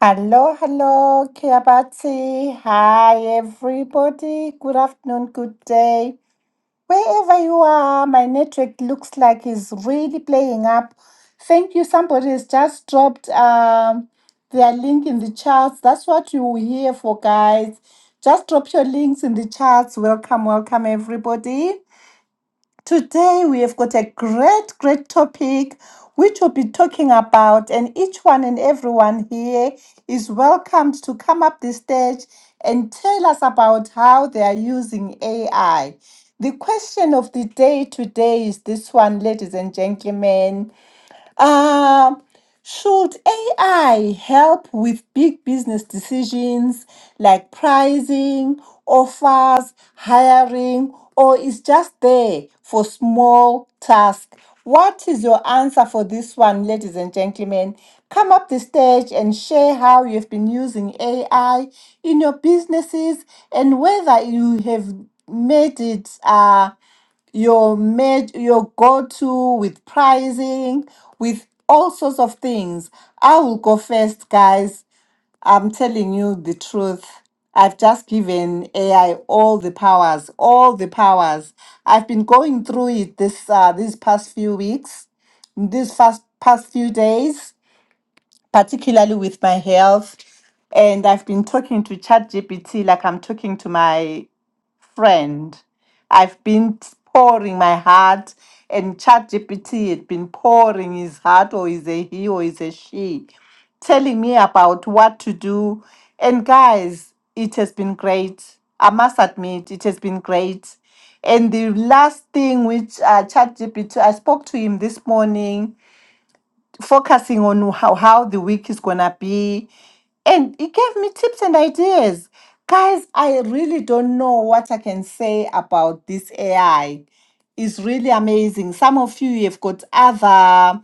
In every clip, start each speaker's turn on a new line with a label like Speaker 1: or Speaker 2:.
Speaker 1: Hello, hello, Kiabati. Hi, everybody. Good afternoon, good day. Wherever you are, my network looks like is really playing up. Thank you. Somebody has just dropped um, their link in the charts. That's what you were here for, guys. Just drop your links in the charts. Welcome, welcome, everybody. Today, we have got a great, great topic which we'll be talking about, and each one and everyone here is welcomed to come up the stage and tell us about how they are using AI. The question of the day today is this one, ladies and gentlemen. Um, should AI help with big business decisions like pricing, offers, hiring, or is just there for small tasks? What is your answer for this one, ladies and gentlemen? Come up the stage and share how you've been using AI in your businesses and whether you have made it uh, your med- your go-to with pricing, with all sorts of things. I will go first, guys. I'm telling you the truth. I've just given AI all the powers, all the powers. I've been going through it this uh, these past few weeks, these past past few days, particularly with my health and I've been talking to ChatGPT like I'm talking to my friend. I've been pouring my heart, and ChatGPT had been pouring his heart, or is a he, or is a she, telling me about what to do. And guys, it has been great. I must admit, it has been great. And the last thing which uh, ChatGPT, I spoke to him this morning focusing on how, how the week is gonna be. And he gave me tips and ideas. Guys, I really don't know what I can say about this AI. It's really amazing. Some of you have got other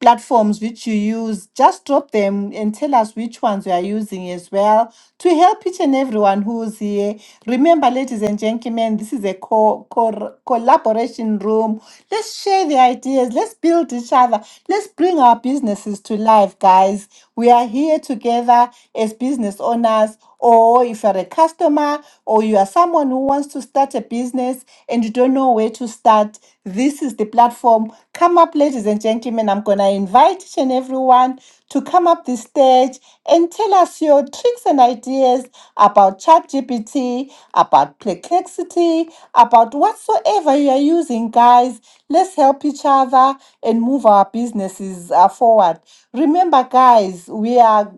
Speaker 1: platforms which you use, just drop them and tell us which ones you are using as well to help each and everyone who's here. Remember, ladies and gentlemen, this is a co- co- collaboration room. Let's share the ideas, let's build each other, let's bring our businesses to life, guys. We are here together as business owners, or if you're a customer, or you are someone someone who wants to start a business and you don't know where to start, this is the platform. Come up, ladies and gentlemen. I'm going to invite each and everyone to come up the stage and tell us your tricks and ideas about ChatGPT, about Perplexity, about whatsoever you are using, guys. Let's help each other and move our businesses uh, forward. Remember, guys, we are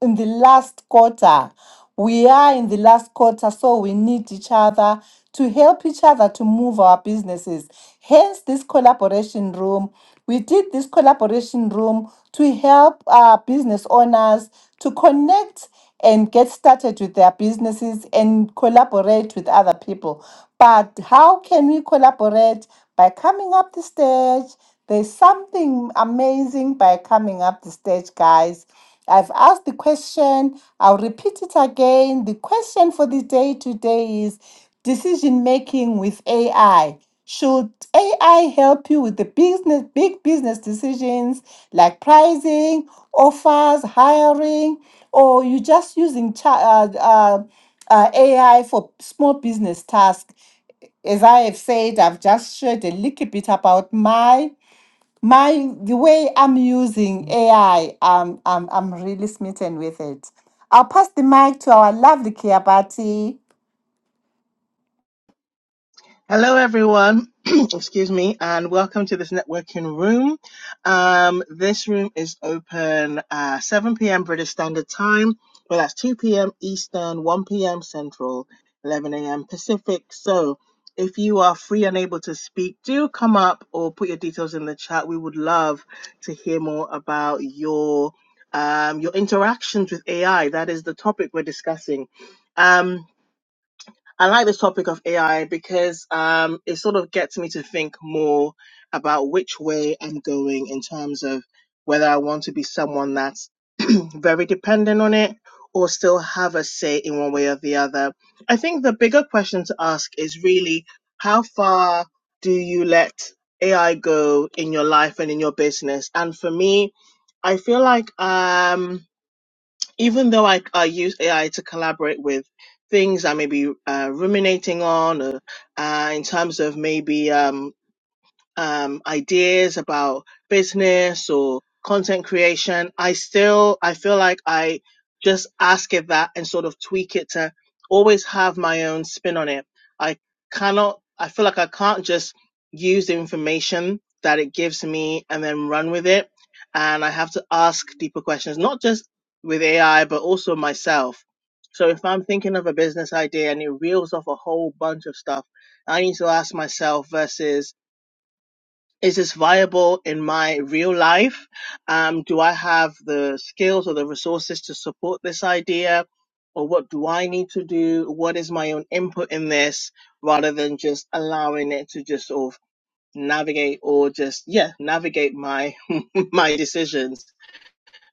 Speaker 1: in the last quarter. We are in the last quarter, so we need each other to help each other to move our businesses. Hence, this collaboration room. We did this collaboration room to help our business owners to connect and get started with their businesses and collaborate with other people. But how can we collaborate by coming up the stage? There's something amazing by coming up the stage, guys. I've asked the question, I'll repeat it again. The question for the day today is decision making with AI. Should AI help you with the business big business decisions like pricing, offers, hiring, or you just using cha- uh, uh, uh, AI for small business tasks? as I have said, I've just shared a little bit about my my the way I'm using AI. Um, I'm I'm really smitten with it. I'll pass the mic to our lovely Kiabati.
Speaker 2: Hello, everyone. Excuse me, and welcome to this networking room. Um, this room is open uh, 7 p.m. British Standard Time. Well, that's 2 p.m. Eastern, 1 p.m. Central, 11 a.m. Pacific. So, if you are free and able to speak, do come up or put your details in the chat. We would love to hear more about your um, your interactions with AI. That is the topic we're discussing. Um, I like this topic of AI because um, it sort of gets me to think more about which way I'm going in terms of whether I want to be someone that's very dependent on it or still have a say in one way or the other. I think the bigger question to ask is really how far do you let AI go in your life and in your business? And for me, I feel like um, even though I, I use AI to collaborate with things I may be uh, ruminating on, or, uh, in terms of maybe um, um, ideas about business or content creation, I still I feel like I just ask it that and sort of tweak it to always have my own spin on it. I cannot I feel like I can't just use the information that it gives me and then run with it. And I have to ask deeper questions, not just with AI, but also myself. So if I'm thinking of a business idea and it reels off a whole bunch of stuff, I need to ask myself versus is this viable in my real life? Um, do I have the skills or the resources to support this idea? Or what do I need to do? What is my own input in this rather than just allowing it to just sort of navigate or just, yeah, navigate my, my decisions?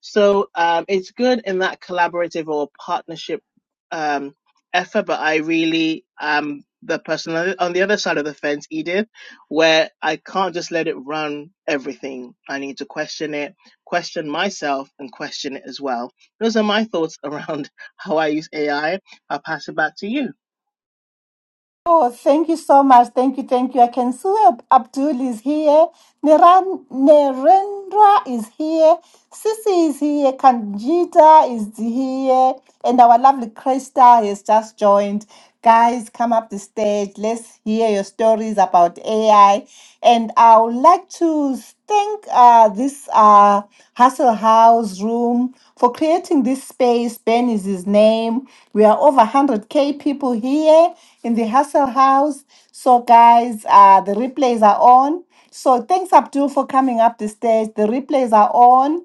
Speaker 2: So um, it's good in that collaborative or partnership um, effort, but I really am the person on the on the other side of the fence, Edith, where I can't just let it run everything. I need to question it, question myself, and question it as well. Those are my thoughts around how I use AI. I'll pass it back to you.
Speaker 1: Oh, thank you so much. Thank you, thank you. I can see Ab- Abdul is here. Neran, Nerendra is here. Sissy is here, Kanjita is here, and our lovely Crystal has just joined. Guys, come up the stage. Let's hear your stories about AI. And I would like to thank uh, this uh, Hustle House room for creating this space. Ben is his name. We are over 100K people here in the Hustle House. So, guys, uh, the replays are on. So thanks Abdul for coming up the stage. The replays are on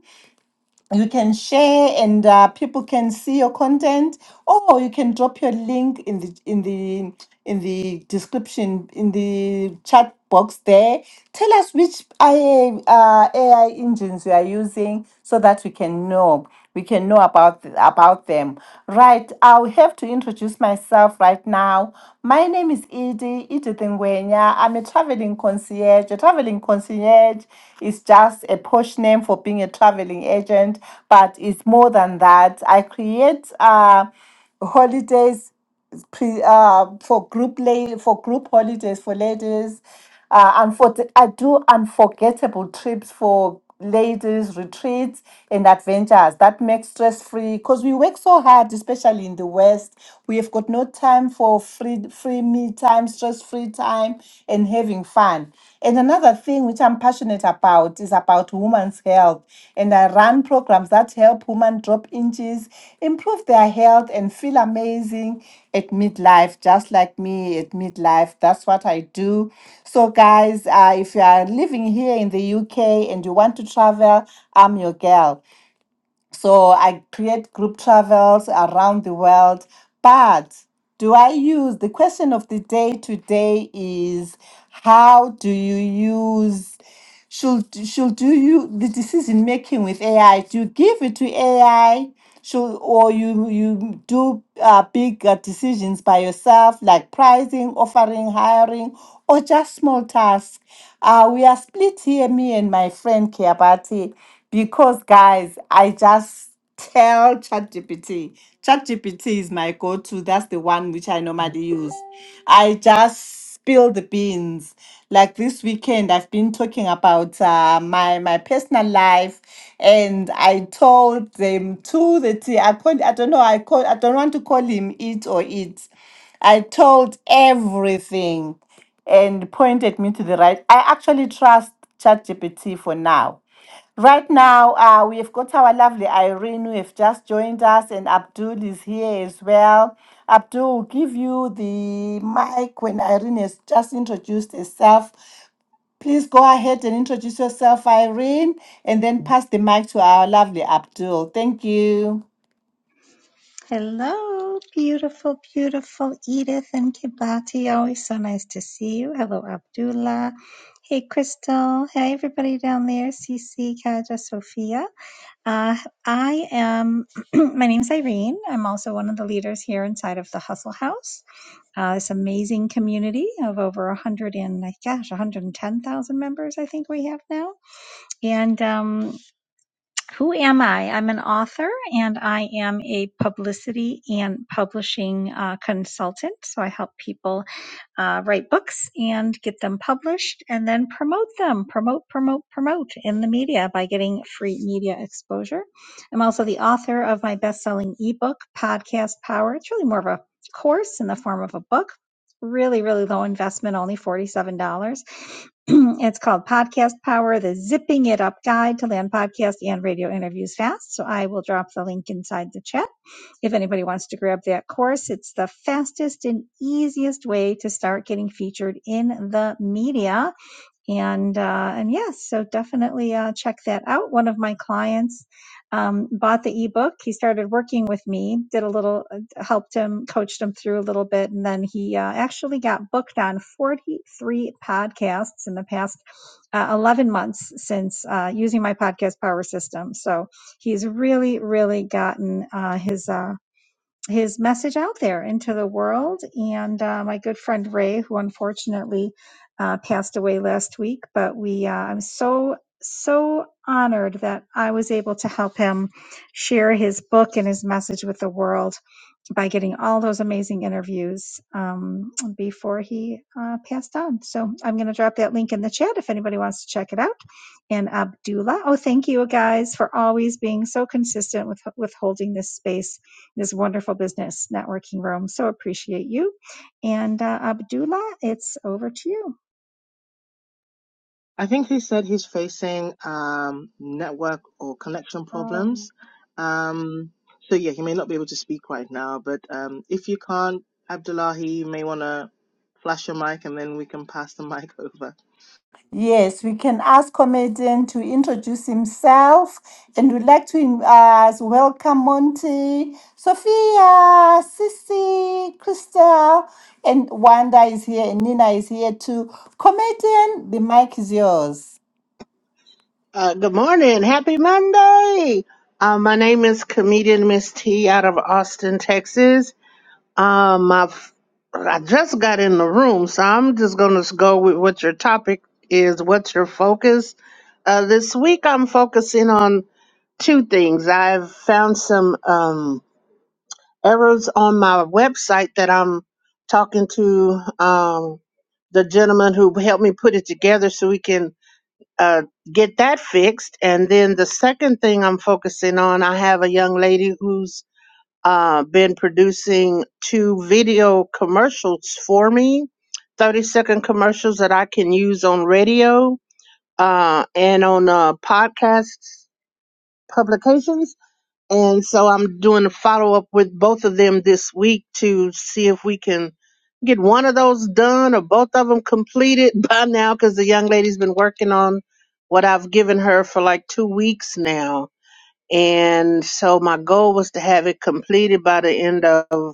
Speaker 1: you can share and uh, people can see your content or you can drop your link in the in the in the description in the chat box there tell us which AI, uh, AI engines you are using so that we can know we can know about th- about them right i'll have to introduce myself right now my name is edie edith Ngwenya. i'm a traveling consultant concierge. A traveling concierge is just a posh name for being a traveling agent, but it's more than that. I create uh, holidays pre, uh, for group la- for group holidays for ladies. Uh, and for I do unforgettable trips for ladies retreats and adventures that make stress free because we work so hard especially in the west we have got no time for free free me time stress free time and having fun and another thing which i'm passionate about is about women's health and I run programs that help women drop inches, improve their health, and feel amazing at midlife, just like me at midlife. That's what I do. So, guys, uh, if you are living here in the UK and you want to travel, I'm your girl. So I create group travels around the world. But do I use the question of the day today is how do you use should should do you the decision making with AI? Do you give it to AI should or you you do uh, big uh, decisions by yourself like pricing offering hiring or just small tasks uh, we are split here me and my friend kiabati because guys i just tell ChatGPT. ChatGPT is my go-to. That's the one which I normally use. I just spill the beans. Like this weekend, I've been talking about uh, my my personal life, and I told them to the T. I called. I don't know. I call. I don't want to call him it or it. I told everything, and pointed me to the right. I actually trust ChatGPT for now Right now, uh, we've got our lovely Irene who have just joined us, and Abdul is here as well. Abdul, will give you the mic when Irene has just introduced herself. Please go ahead and introduce yourself, Irene, and then pass the mic to our lovely Abdul. Thank you.
Speaker 3: Hello, beautiful, beautiful Edith and Kibati. Always so nice to see you. Hello, Abdullah. Hey, Crystal. Hey, everybody down there. CC, Kaja, Sophia. Uh, I am, my name is Irene. I'm also one of the leaders here inside of the Hustle House, uh, this amazing community of over 100 and, gosh, 110,000 members, I think we have now. And um, who am I? I'm an author and I am a publicity and publishing uh, consultant. So I help people uh, write books and get them published and then promote them, promote, promote, promote in the media by getting free media exposure. I'm also the author of my best selling ebook, Podcast Power. It's really more of a course in the form of a book. Really, really low investment, only $47. it's called Podcast Power, the Zipping It Up Guide to Land Podcast and Radio Interviews Fast. So I will drop the link inside the chat. If anybody wants to grab that course, it's the fastest and easiest way to start getting featured in the media and uh, and yes, yeah, so definitely uh, check that out. One of my clients um, bought the ebook. He started working with me, did a little, helped him, coached him through a little bit, and then he uh, actually got booked on 43 podcasts in the past uh, 11 months since uh, using my podcast power system. So he's really, really gotten uh, his. Uh, his message out there into the world. And uh, my good friend Ray, who unfortunately uh, passed away last week, but we, uh, I'm so, so honored that I was able to help him share his book and his message with the world by getting all those amazing interviews um, before he uh, passed on. So I'm going to drop that link in the chat if anybody wants to check it out. And Abdullah, oh, thank you guys for always being so consistent with, with holding this space, this wonderful business networking room. So appreciate you. And uh, Abdullah, it's over to you.
Speaker 2: I think he said he's facing um, network or connection
Speaker 3: Um,
Speaker 2: problems. Um, so yeah, he may not be able to speak right now, but um, if you can't, Abdullahi, you may want to flash your mic and then we can pass the mic over.
Speaker 1: Yes, we can ask comedian to introduce himself, and we'd like to in- uh, welcome Monty, Sophia, Sissy, Crystal, and Wanda is here, and Nina is here too. Comedian, the mic is yours.
Speaker 4: Uh, good morning. Happy Monday. Uh, my name is comedian Miss T out of Austin, Texas. Um, my, I just got in the room, so I'm just going to go with what your topic is. What's your focus? Uh, this week I'm focusing on two things. I've found some um, errors on my website that I'm talking to um, the gentleman who helped me put it together so we can uh, get that fixed. And then the second thing I'm focusing on, I have a young lady who's uh, been producing two video commercials for me, 30 second commercials that I can use on radio uh, and on uh, podcasts publications and so I'm doing a follow up with both of them this week to see if we can get one of those done or both of them completed by now because the young lady's been working on what I've given her for like two weeks now. And so my goal was to have it completed by the end of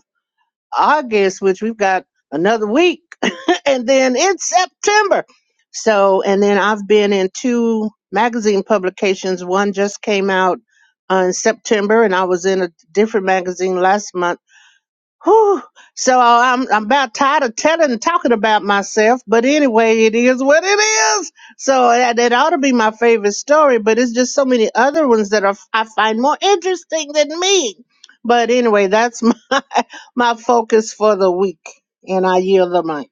Speaker 4: August, which we've got another week, and then it's September. So, and then I've been in two magazine publications. One just came out uh, in September, and I was in a different magazine last month Whew. So uh, I'm I'm about tired of telling and talking about myself, but anyway, it is what it is. So that, that ought to be my favorite story, but it's just so many other ones that are, I find more interesting than me. But anyway, that's my my focus for the week, and I yield the mic.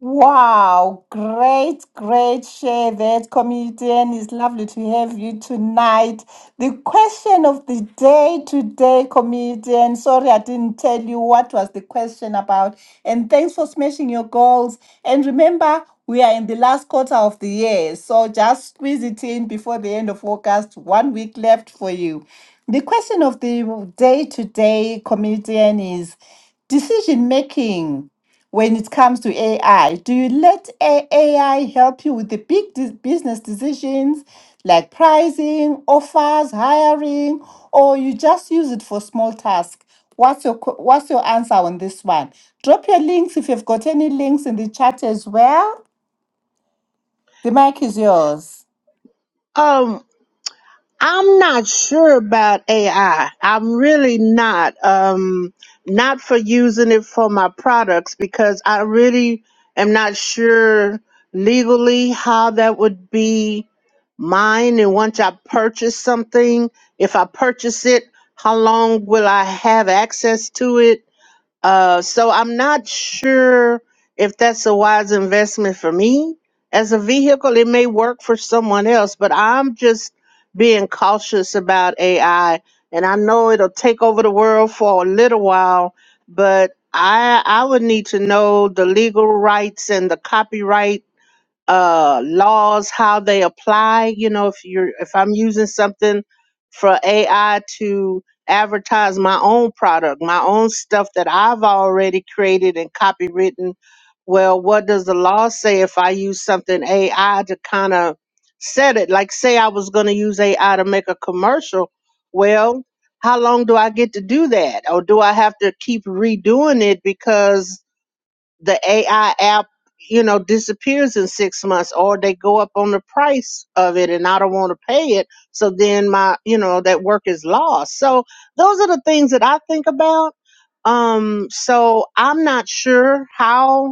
Speaker 1: Wow, great, great share that comedian. It's lovely to have you tonight. The question of the day today, comedian. Sorry, I didn't tell you what was the question about. And thanks for smashing your goals. And remember, we are in the last quarter of the year, so just squeeze it in before the end of August. One week left for you. The question of the day today, comedian, is decision making when it comes to AI? Do you let A- AI help you with the big de- business decisions like pricing, offers, hiring, or you just use it for small tasks? What's your qu- what's your answer on this one? Drop your links if you've got any links in the chat as well. The mic is yours.
Speaker 4: Um, I'm not sure about AI. I'm really not. Um, not for using it for my products because I really am not sure legally how that would be mine. And once I purchase something, if I purchase it, how long will I have access to it? Uh, so I'm not sure if that's a wise investment for me as a vehicle. It may work for someone else, but I'm just being cautious about AI. And I know it'll take over the world for a little while, but I I would need to know the legal rights and the copyright uh laws how they apply you know if you're if i'm using something for ai to advertise my own product my own stuff that i've already created and copywritten well what does the law say if i use something ai to kind of set it like say i was going to use ai to make a commercial well how long do i get to do that or do i have to keep redoing it because the AI app, you know, disappears in six months or they go up on the price of it and I don't want to pay it. So then my, you know, that work is lost. So those are the things that I think about. Um, so I'm not sure how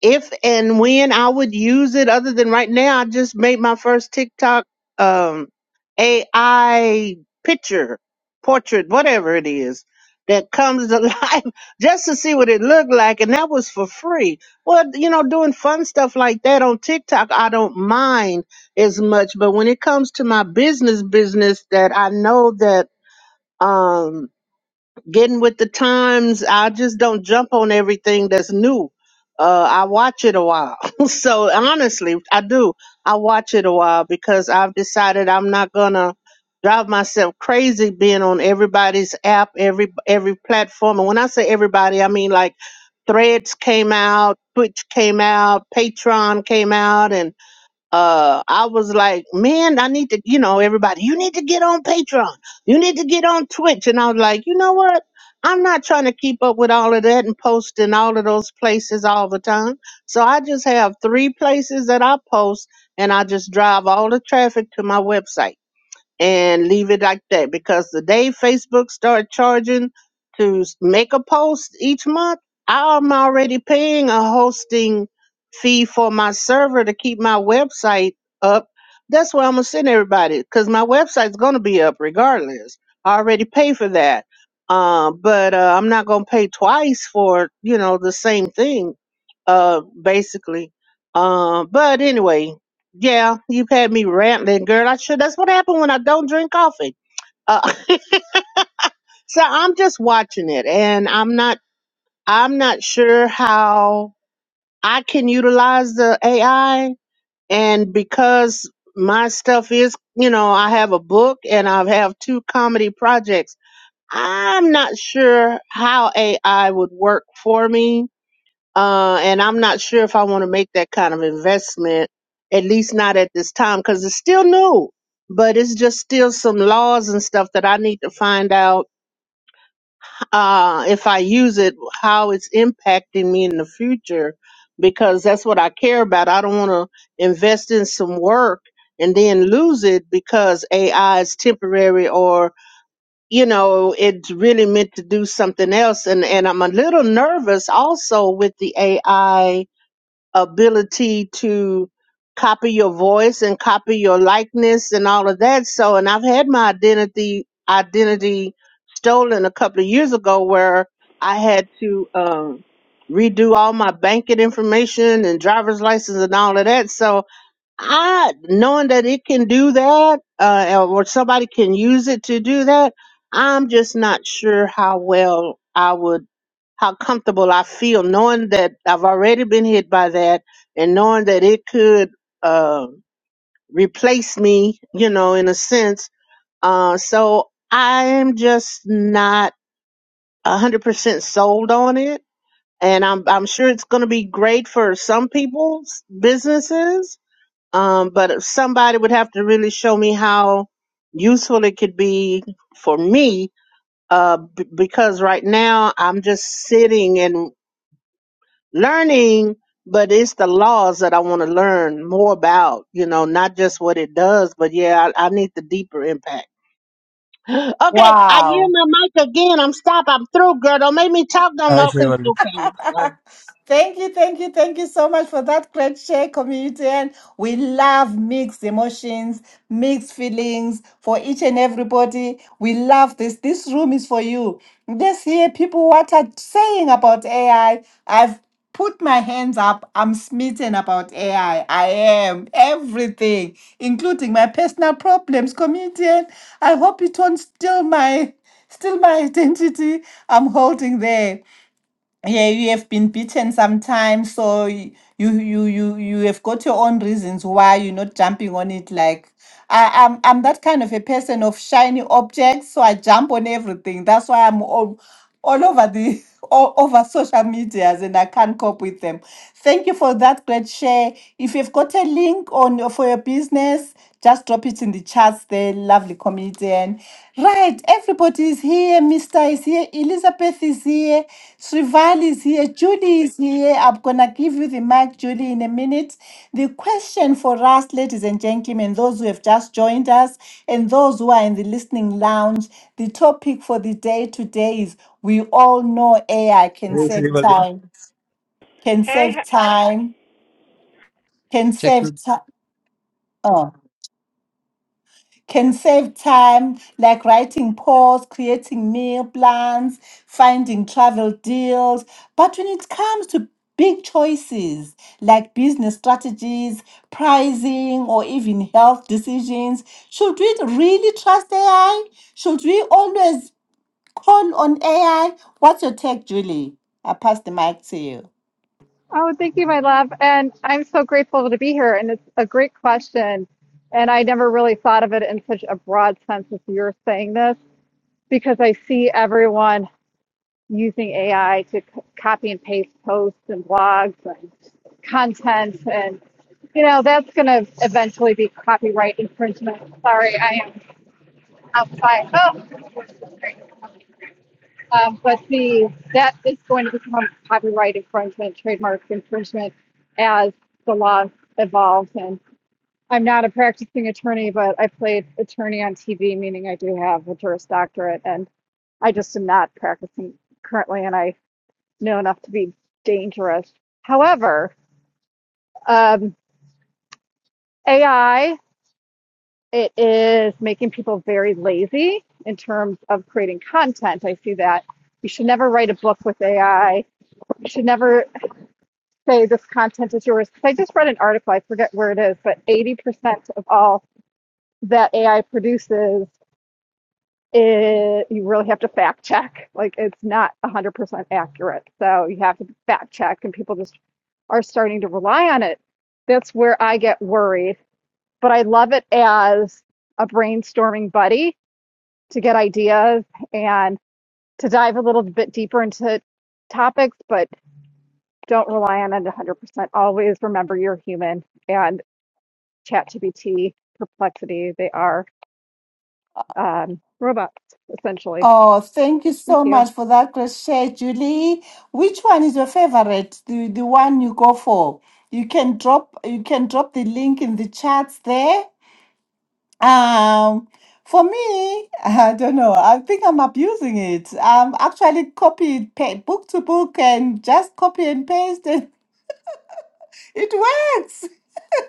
Speaker 4: if and when I would use it other than right now, I just made my first TikTok um AI picture, portrait, whatever it is that comes to life just to see what it looked like and that was for free. Well, you know, doing fun stuff like that on TikTok, I don't mind as much, but when it comes to my business business that I know that um getting with the times. I just don't jump on everything that's new. Uh, I watch it a while. so honestly, I do. I watch it a while because I've decided I'm not gonna drive myself crazy being on everybody's app, every every platform. And when I say everybody, I mean like Threads came out, Twitch came out, Patreon came out, and uh, I was like, man, I need to, you know, everybody, you need to get on Patreon. You need to get on Twitch. And I was like, you know what? I'm not trying to keep up with all of that and post in all of those places all the time. So I just have three places that I post and I just drive all the traffic to my website and leave it like that because the day Facebook start charging to s- make a post each month, I'm already paying a hosting fee for my server to keep my website up. That's where I'm gonna send everybody because my website's gonna be up regardless. I already pay for that, uh, but uh, I'm not gonna pay twice for you know the same thing uh, basically. Um, but anyway, yeah, you've had me rambling, girl. I sure That's what happened when I don't drink coffee. Uh, so I'm just watching it, and I'm not. I'm not sure how I can utilize the AI, and because my stuff is, you know, I have a book and I have two comedy projects. I'm not sure how AI would work for me uh, and I'm not sure if I want to make that kind of investment, at least not at this time, because it's still new. But it's just still some laws and stuff that I need to find out uh, if I use it, how it's impacting me in the future, because that's what I care about. I don't want to invest in some work and then lose it because AI is temporary or you know it's really meant to do something else. And and I'm a little nervous also with the AI ability to copy your voice and copy your likeness and all of that. So, and I've had my identity identity stolen a couple of years ago, where I had to um, redo all my banking information and driver's license and all of that. So, I knowing that it can do that, uh, or somebody can use it to do that, I'm just not sure how well I would, how comfortable I feel knowing that I've already been hit by that, and knowing that it could uh, replace me, you know, in a sense. Uh, so I'm just not a hundred percent sold on it, and I'm I'm sure it's going to be great for some people's businesses um, but somebody would have to really show me how useful it could be for me, uh, b- because right now I'm just sitting and learning, but it's the laws that I want to learn more about, you know, not just what it does, but yeah, I, I need the deeper impact. Okay, I give
Speaker 1: Wow.
Speaker 4: my mic again. I'm stop. I'm through, girl. Don't make me talk no
Speaker 5: Hi
Speaker 4: more. 'cause-
Speaker 5: Shrivalli.
Speaker 4: okay.
Speaker 1: Thank you, thank you, thank you so much for that great share, community. And we love mixed emotions, mixed feelings for each and everybody. We love this. This room is for you. Let's hear people what are saying about AI. I've put my hands up. I'm smitten about AI. I I am everything, including my personal problems, community. And I hope it won't steal my steal my identity. I'm holding there yeah you have been beaten sometimes so y- you you you you have got your own reasons why you're not jumping on it like I, I'm I'm that kind of a person of shiny objects, so I jump on everything. That's why I'm all, all over the all over social medias and I can't cope with them. Thank you for that great share. If you've got a link on your- for your business, just drop it in the chats there, lovely comedian. Right, everybody is here. Mr. is here. Elizabeth is here. Shrival is here. Judy is here. I'm going to give you the mic, Judy, in a minute. The question for us, ladies and gentlemen, those who have just joined us and those who are in the listening lounge, the topic for the day today is we all know AI can
Speaker 5: Hey
Speaker 1: save
Speaker 5: Shrivalli.
Speaker 1: time, can
Speaker 6: Hey,
Speaker 1: save time, can save time. can save time like writing posts, creating meal plans, finding travel deals. But when it comes to big choices like business strategies, pricing, or even health decisions, should we really trust AI? Should we always call on AI? What's your take, Julie? I pass the mic to you.
Speaker 7: Oh, thank you, my love. And I'm so grateful to be here. And it's a great question. And I never really thought of it in such a broad sense as you're saying this, because I see everyone using AI to c- copy and paste posts and blogs and content. And, you know, that's going to eventually be copyright infringement. Sorry, I am outside. Oh. Um, but the that is going to become copyright infringement, trademark infringement, as the law evolves. And I'm not a practicing attorney, but I played attorney on TV, meaning I do have a Juris Doctorate, and I just am not practicing currently, and I know enough to be dangerous. However, um, AI it is making people very lazy in terms of creating content. I see that you should never write a book with AI. You should never say this content is yours. I just read an article, I forget where it is, but 80% of all that AI produces, it, you really have to fact check. Like it's not 100% accurate. So you have to fact check, and people just are starting to rely on it. That's where I get worried. But I love it as a brainstorming buddy to get ideas and to dive a little bit deeper into topics, but don't rely on it 100%. Always remember you're human and. ChatGPT, Perplexity. They are um, robots, essentially.
Speaker 1: Oh, thank you
Speaker 7: Thank
Speaker 1: so
Speaker 7: you.
Speaker 1: much for that crochet, Julie. Which one is your favorite? The the one you go for. You can drop you can drop the link in the chats there. Um, for me, I don't know. I think I'm abusing it. Um, actually copy pa book to book and just copy and paste, and it works.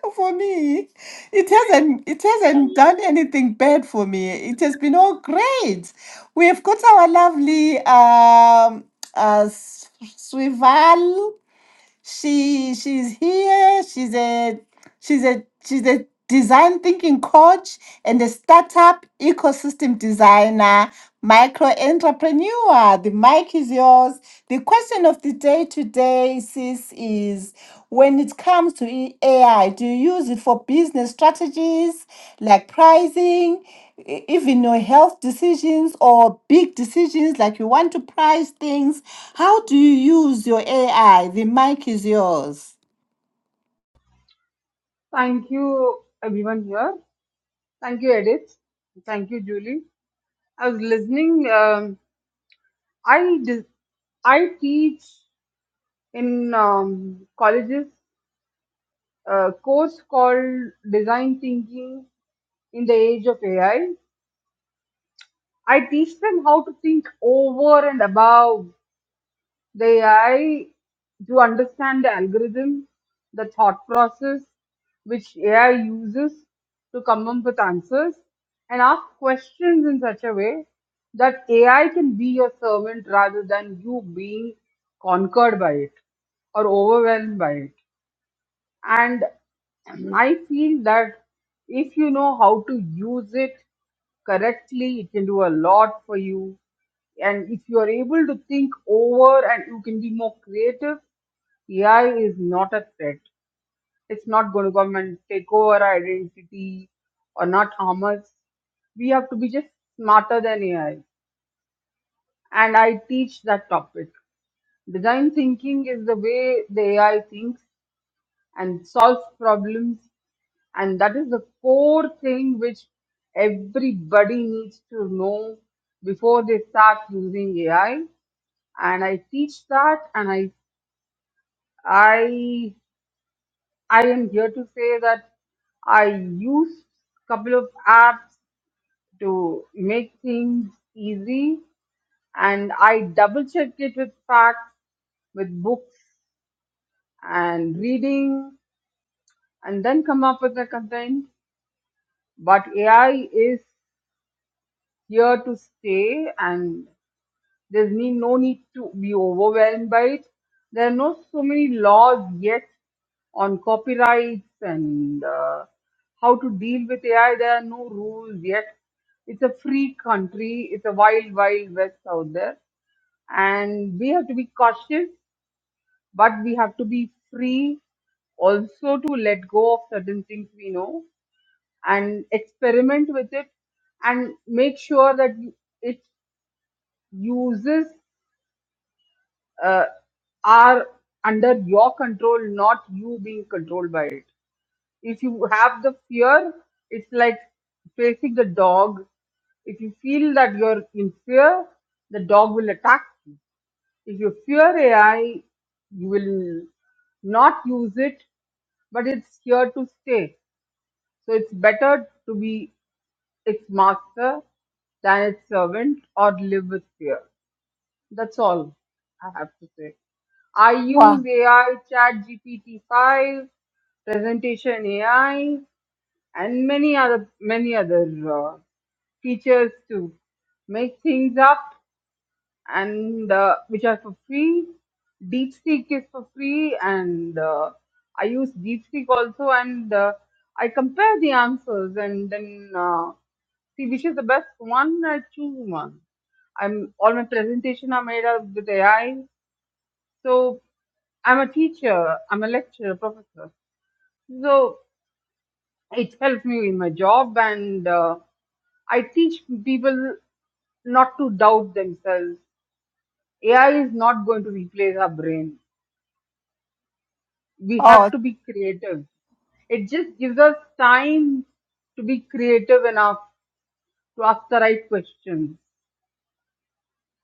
Speaker 1: for me. It hasn't it hasn't done anything bad for me. It has been all great. We have got our lovely um uh S- Swival. She she's here. She's a she's a she's a design thinking coach and a startup ecosystem designer, micro entrepreneur. The mic is yours. The question of the day today, sis, is when it comes to AI, do you use it for business strategies like pricing? e- even your health decisions or big decisions like you want to price things how do you use your ai the mic is yours
Speaker 8: Thank you, everyone here. Thank you, Edith. Thank you, Julie. I was listening. Um, I dis- I teach in um, colleges a course called Design Thinking in the Age of AI. I I teach them how to think over and above the AI to understand the algorithm, the thought process which AI uses to come up with answers, and ask questions in such a way that AI can be your servant rather than you being conquered by it or overwhelmed by it and i feel that if you know how to use it correctly it can do a lot for you and if you are able to think over and you can be more creative ai is not a threat it's not going to come and take over our identity or not harm us we have to be just smarter than ai and i teach that topic design thinking is the way the ai thinks and solves problems and that is the core thing which everybody needs to know before they start using ai and i teach that and i i i am here to say that i use couple of apps to make things easy and i double check it with facts with books and reading and then come up with the content but ai is here to stay and there's need, no need to be overwhelmed by it. There are no so many laws yet on copyrights and uh, how to deal with AI. There are no rules yet. It's a free country. It's a wild, wild west out there. And we have to be cautious, but we have to be free also to let go of certain things we know and experiment with it and make sure that you- it uses uh, are under your control, not you being controlled by it. If you have the fear, it's like facing the dog. If you feel that you're in fear, the dog will attack you. If you fear AI, you will not use it, but it's here to stay. So it's better to be its master than its servant or live with fear. That's all I have to say. I use
Speaker 1: Wow.
Speaker 8: AI, Chat GPT 5, Presentation AI, and many other many other uh, features to make things up and uh, which are for free. DeepSeek is for free, and uh, I use DeepSeek also, and uh, I compare the answers and then uh, see which is the best one. I choose one. I'm all my presentation are made up with AI, so I'm a teacher, I'm a lecturer, professor. So it helps me in my job, and uh, I teach people not to doubt themselves AI is not going to replace our brain. We have
Speaker 1: oh
Speaker 8: to be creative. It just gives us time to be creative enough to ask the right questions.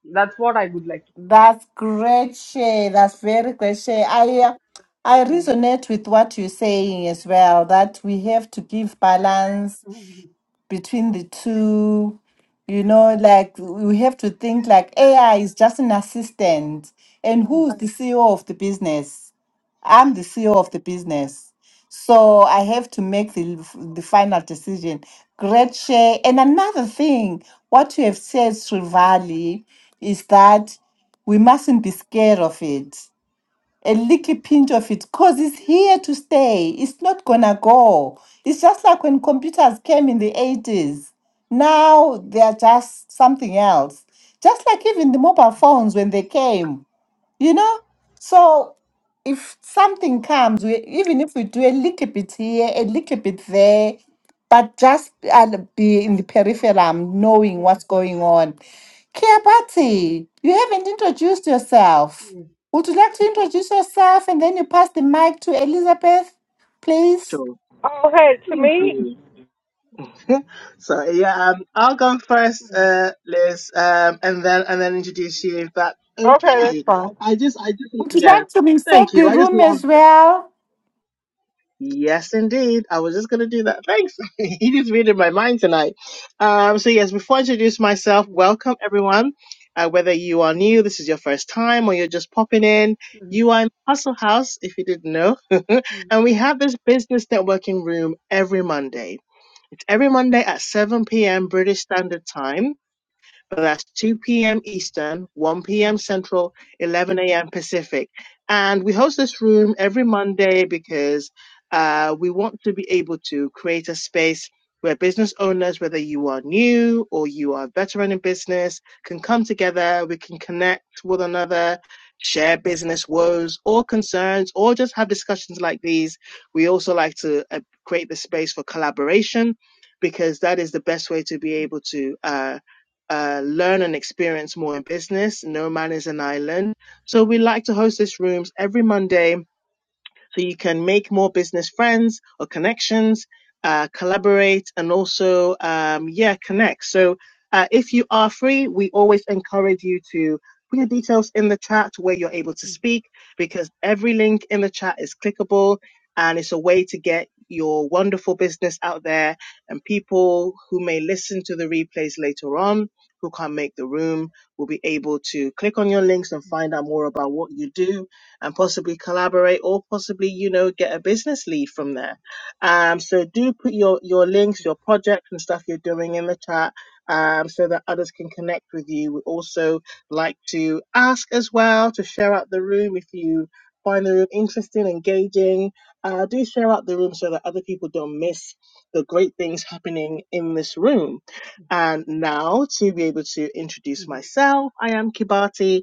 Speaker 8: That's what I would like to.
Speaker 1: that's great share that's very great share i uh, i
Speaker 8: Mm,
Speaker 1: resonate with what you're saying as well that we have to give balance
Speaker 8: mm,
Speaker 1: between the two you know like we have to think like ai is just an assistant and
Speaker 8: mm,
Speaker 1: who's
Speaker 8: mm,
Speaker 1: the ceo of the business i'm the ceo of the business so i have to make the, the final decision great share and another thing what you have said srivali is that we mustn't be scared of it a little pinch of it because it's here to stay. It's not gonna go. It's just like when computers came in the 80s. Now they're just something else. Just like even the mobile phones when they came. You know? So if something comes, we, even if we do a little bit here, a little bit there, but just i be in the peripherum knowing what's going on. Kiabati, you haven't introduced yourself.
Speaker 8: mm, mm,
Speaker 1: Would you like to introduce yourself and then you pass the mic to Elizabeth, please?
Speaker 2: Sure.
Speaker 6: oh, hey, to
Speaker 2: Thank
Speaker 6: me?
Speaker 2: you. so yeah, um, I'll go first,
Speaker 8: mm,
Speaker 2: uh, Liz, um, and then and then introduce you. If that's
Speaker 6: Okay, that's
Speaker 2: okay.
Speaker 6: fine.
Speaker 2: I just, I just,
Speaker 1: Would you
Speaker 2: yeah.
Speaker 1: like to
Speaker 2: Thank
Speaker 1: reset
Speaker 2: you.
Speaker 1: the
Speaker 2: I just
Speaker 1: room
Speaker 2: love
Speaker 1: as well?
Speaker 2: Yes, indeed. I was just going to do that. Thanks. he just read in my mind tonight. Um, so, yes, before I introduce myself, welcome everyone. Uh, whether you are new, this is your first time, or you're just popping in, you are in Hustle House, if you didn't know. and we
Speaker 8: mm,
Speaker 2: have this business networking room every Monday. It's every Monday at 7 p.m. British Standard Time but that's 2 p.m. Eastern, 1 p.m.
Speaker 8: mm, mm,
Speaker 2: Central, 11 a.m. Pacific. And we host this room every Monday because uh, we want to be able to create a space where business owners, whether you are new or you are a veteran in business, can come together. We can connect with one another, share business woes or concerns, or just have discussions like these. We also like to uh, create the space for collaboration because that is the best way to be able to. Uh, uh, learn and experience more in business. No man is an island. So we like to host these rooms every Monday so you can make more business friends or connections, uh, collaborate, and also, um, yeah, connect. So uh, if you are free, we always encourage you to put your details in the chat where you're able to speak because every link in the chat is clickable and it's a way to get your wonderful business out there and people who may listen to the replays later on who can't make the room will be able to click on your links and find out more about what you do and possibly collaborate or possibly, you know, get a business lead from there. Um, so do put your, your links, your projects and stuff you're doing in the chat um, so that others can connect with you. We also like to ask as well to share out the room if you find the room interesting, engaging. Uh, do share out the room so that other people don't miss the great things happening in this room. And now to be able to introduce
Speaker 8: mm,
Speaker 2: myself, I am Kibati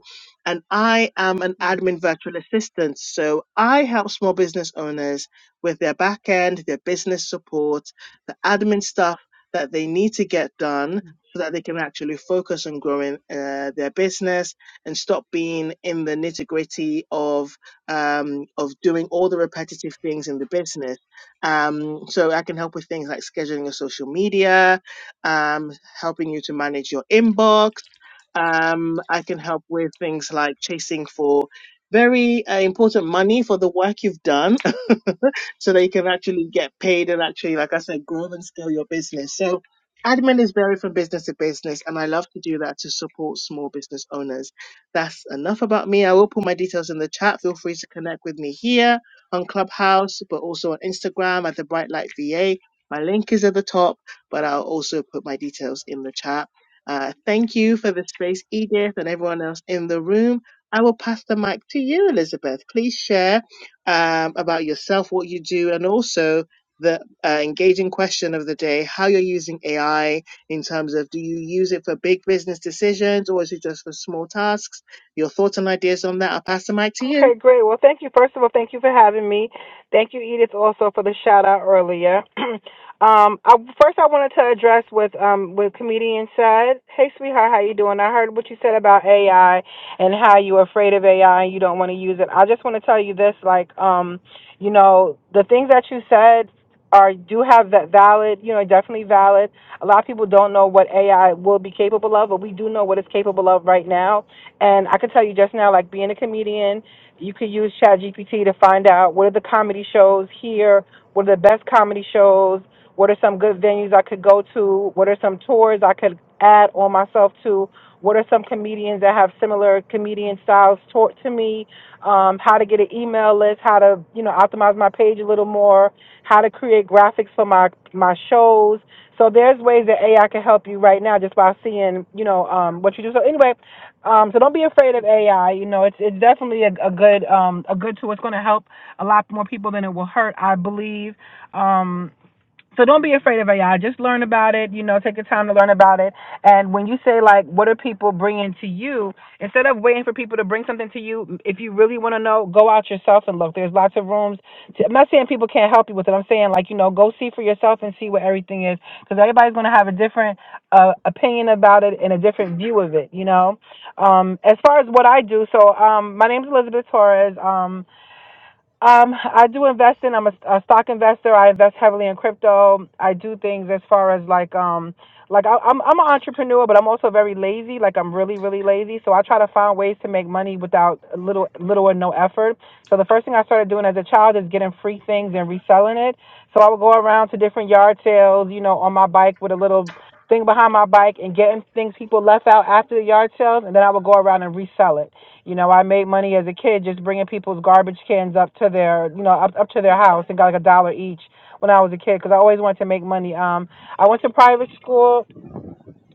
Speaker 2: and I am an
Speaker 8: mm,
Speaker 2: admin virtual assistant. So I help small business owners with their back end, their business support, the admin stuff that they need to get done so that they can actually focus on growing uh, their business and stop being in the nitty gritty of um, of doing all the repetitive things in the business. Um, so I can help with things like scheduling your social media, um, helping you to manage your inbox um, I can help with things like chasing for very uh, important money for the work you've done so that you can actually get paid and actually, like I said, grow and scale your business. So admin is varied from business to business, and I love to do that to support small business owners. That's enough about me. I will put my details in the chat. Feel free to connect with me here on Clubhouse, but also on Instagram at the Bright Light VA. My link is at the top, but I'll also put my details in the chat. Uh, thank you for the space, Edith, and everyone else in the room. I will pass the mic to you, Elizabeth. Please share um, about yourself, what you do, and also the uh, engaging question of the day how you're using AI in terms of do you use it for big business decisions or is it just for small tasks? Your thoughts and ideas on that. I'll pass the mic to you.
Speaker 6: Okay, great. Well, thank you. First of all, thank you for having me. Thank you, Edith, also for the shout out earlier. um, I, first, I wanted to address with um with comedian said. Hey, sweetheart, how you doing? I heard what you said about AI and how you're afraid of AI and you don't want to use it. I just want to tell you this, like um, you know, the things that you said are do have that valid, you know, definitely valid. A lot of people don't know what AI will be capable of, but we do know what it's capable of right now. And I can tell you just now, like being a comedian. You can use ChatGPT to find out what are the comedy shows here, what are the best comedy shows, what are some good venues I could go to, what are some tours I could add on myself to, what are some comedians that have similar comedian styles taught to me, um, how to get an email list, how to you know optimize my page a little more, how to create graphics for my my shows. So there's ways that AI can help you right now just by seeing you know um, what you do. So anyway, um, so don't be afraid of AI. You know, it's it's definitely a, a good um, a good tool. It's going to help a lot more people than it will hurt, I believe. Um, so don't be afraid of AI. Just learn about it. You know, take the time to learn about it. And when you say like, what are people bringing to you? Instead of waiting for people to bring something to you, if you really want to know, go out yourself and look. There's lots of rooms. To, I'm not saying people can't help you with it. I'm saying like, you know, go see for yourself and see what everything is, because everybody's gonna have a different uh, opinion about it and a different view of it. You know, um, as far as what I do, so um, my name's Elizabeth Torres. Um, um, I do invest in. I'm a, a stock investor. I invest heavily in crypto. I do things as far as like um, like I, I'm I'm an entrepreneur, but I'm also very lazy. Like I'm really really lazy, so I try to find ways to make money without little little or no effort. So the first thing I started doing as a child is getting free things and reselling it. So I would go around to different yard sales, you know, on my bike with a little thing behind my bike and getting things people left out after the yard sales, and then I would go around and resell it. You know, I made money as a kid just bringing people's garbage cans up to their, you know, up up to their house and got like a dollar each when I was a kid because I always wanted to make money. Um, I went to private school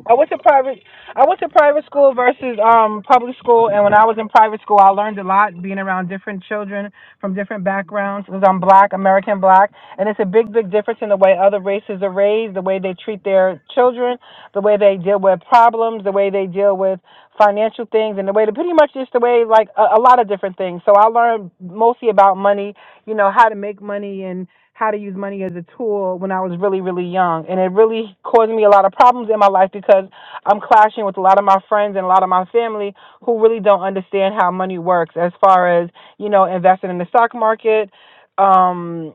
Speaker 6: I went to private. I went to private school versus um public school, and when I was in private school, I learned a lot being around different children from different backgrounds. Because I'm black, American black, and it's a big, big difference in the way other races are raised, the way they treat their children, the way they deal with problems, the way they deal with financial things, and the way to pretty much just the way like a, a lot of different things. So I learned mostly about money, you know, how to make money and how to use money as a tool when I was really, really young. And it really caused me a lot of problems in my life because I'm clashing with a lot of my friends and a lot of my family who really don't understand how money works as far as, you know, investing in the stock market, um,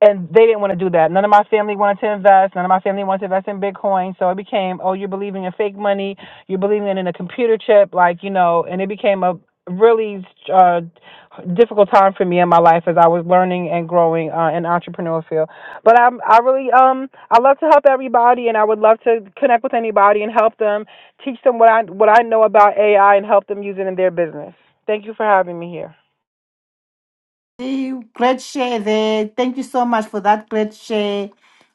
Speaker 6: and they didn't want to do that. None of my family wanted to invest. None of my family wanted to invest in Bitcoin. So it became, oh, you're believing in fake money. You're believing in a computer chip, like you know. And it became a really uh, difficult time for me in my life as I was learning and growing uh, in entrepreneur field. But I'm, I really, um, I love to help everybody, and I would love to connect with anybody and help them, teach them what I what I know about AI, and help them use it in their business. Thank you for having me here.
Speaker 1: Eh, Great share there. Thank you so much for that great share.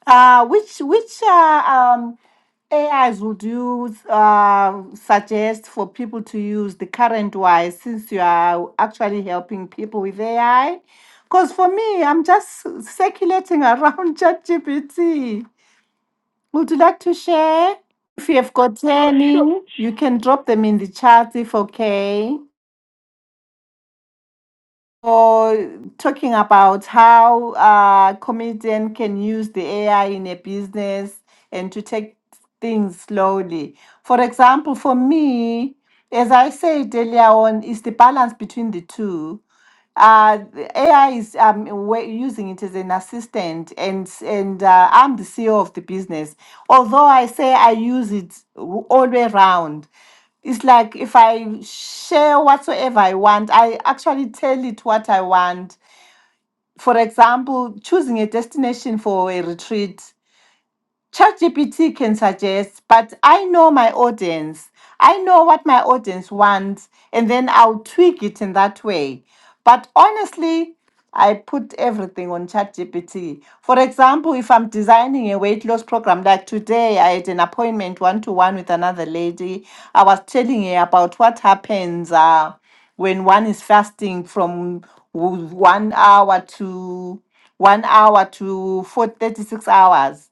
Speaker 1: Uh, which which uh, um, AIs would you uh, suggest for people to use the current wise since you are actually helping people with AI? Because for me, I'm just circulating around ChatGPT. Would you like to share? If you have got any,
Speaker 6: Sure.
Speaker 1: you can drop them in the chat if okay. or talking about how uh, comedian can use the AI in a business and to take things slowly. For example, for me, as I said earlier on, is the balance between the two. Uh, the AI is um, we're using it as an assistant, and s- and uh, I'm the CEO of the business. Although I say I use it w- all the way around, it's like if I share whatsoever I want, I actually tell it what I want. For example, choosing a destination for a retreat. ChatGPT can suggest, but I know my audience. I know what my audience wants, and then I'll tweak it in that way. But honestly, I put everything on ChatGPT. For example, if I'm designing a weight loss program, like today, I had an appointment one to one with another lady. I was telling her about what happens uh, when one is fasting from w- one hour to one hour to 4, 36 hours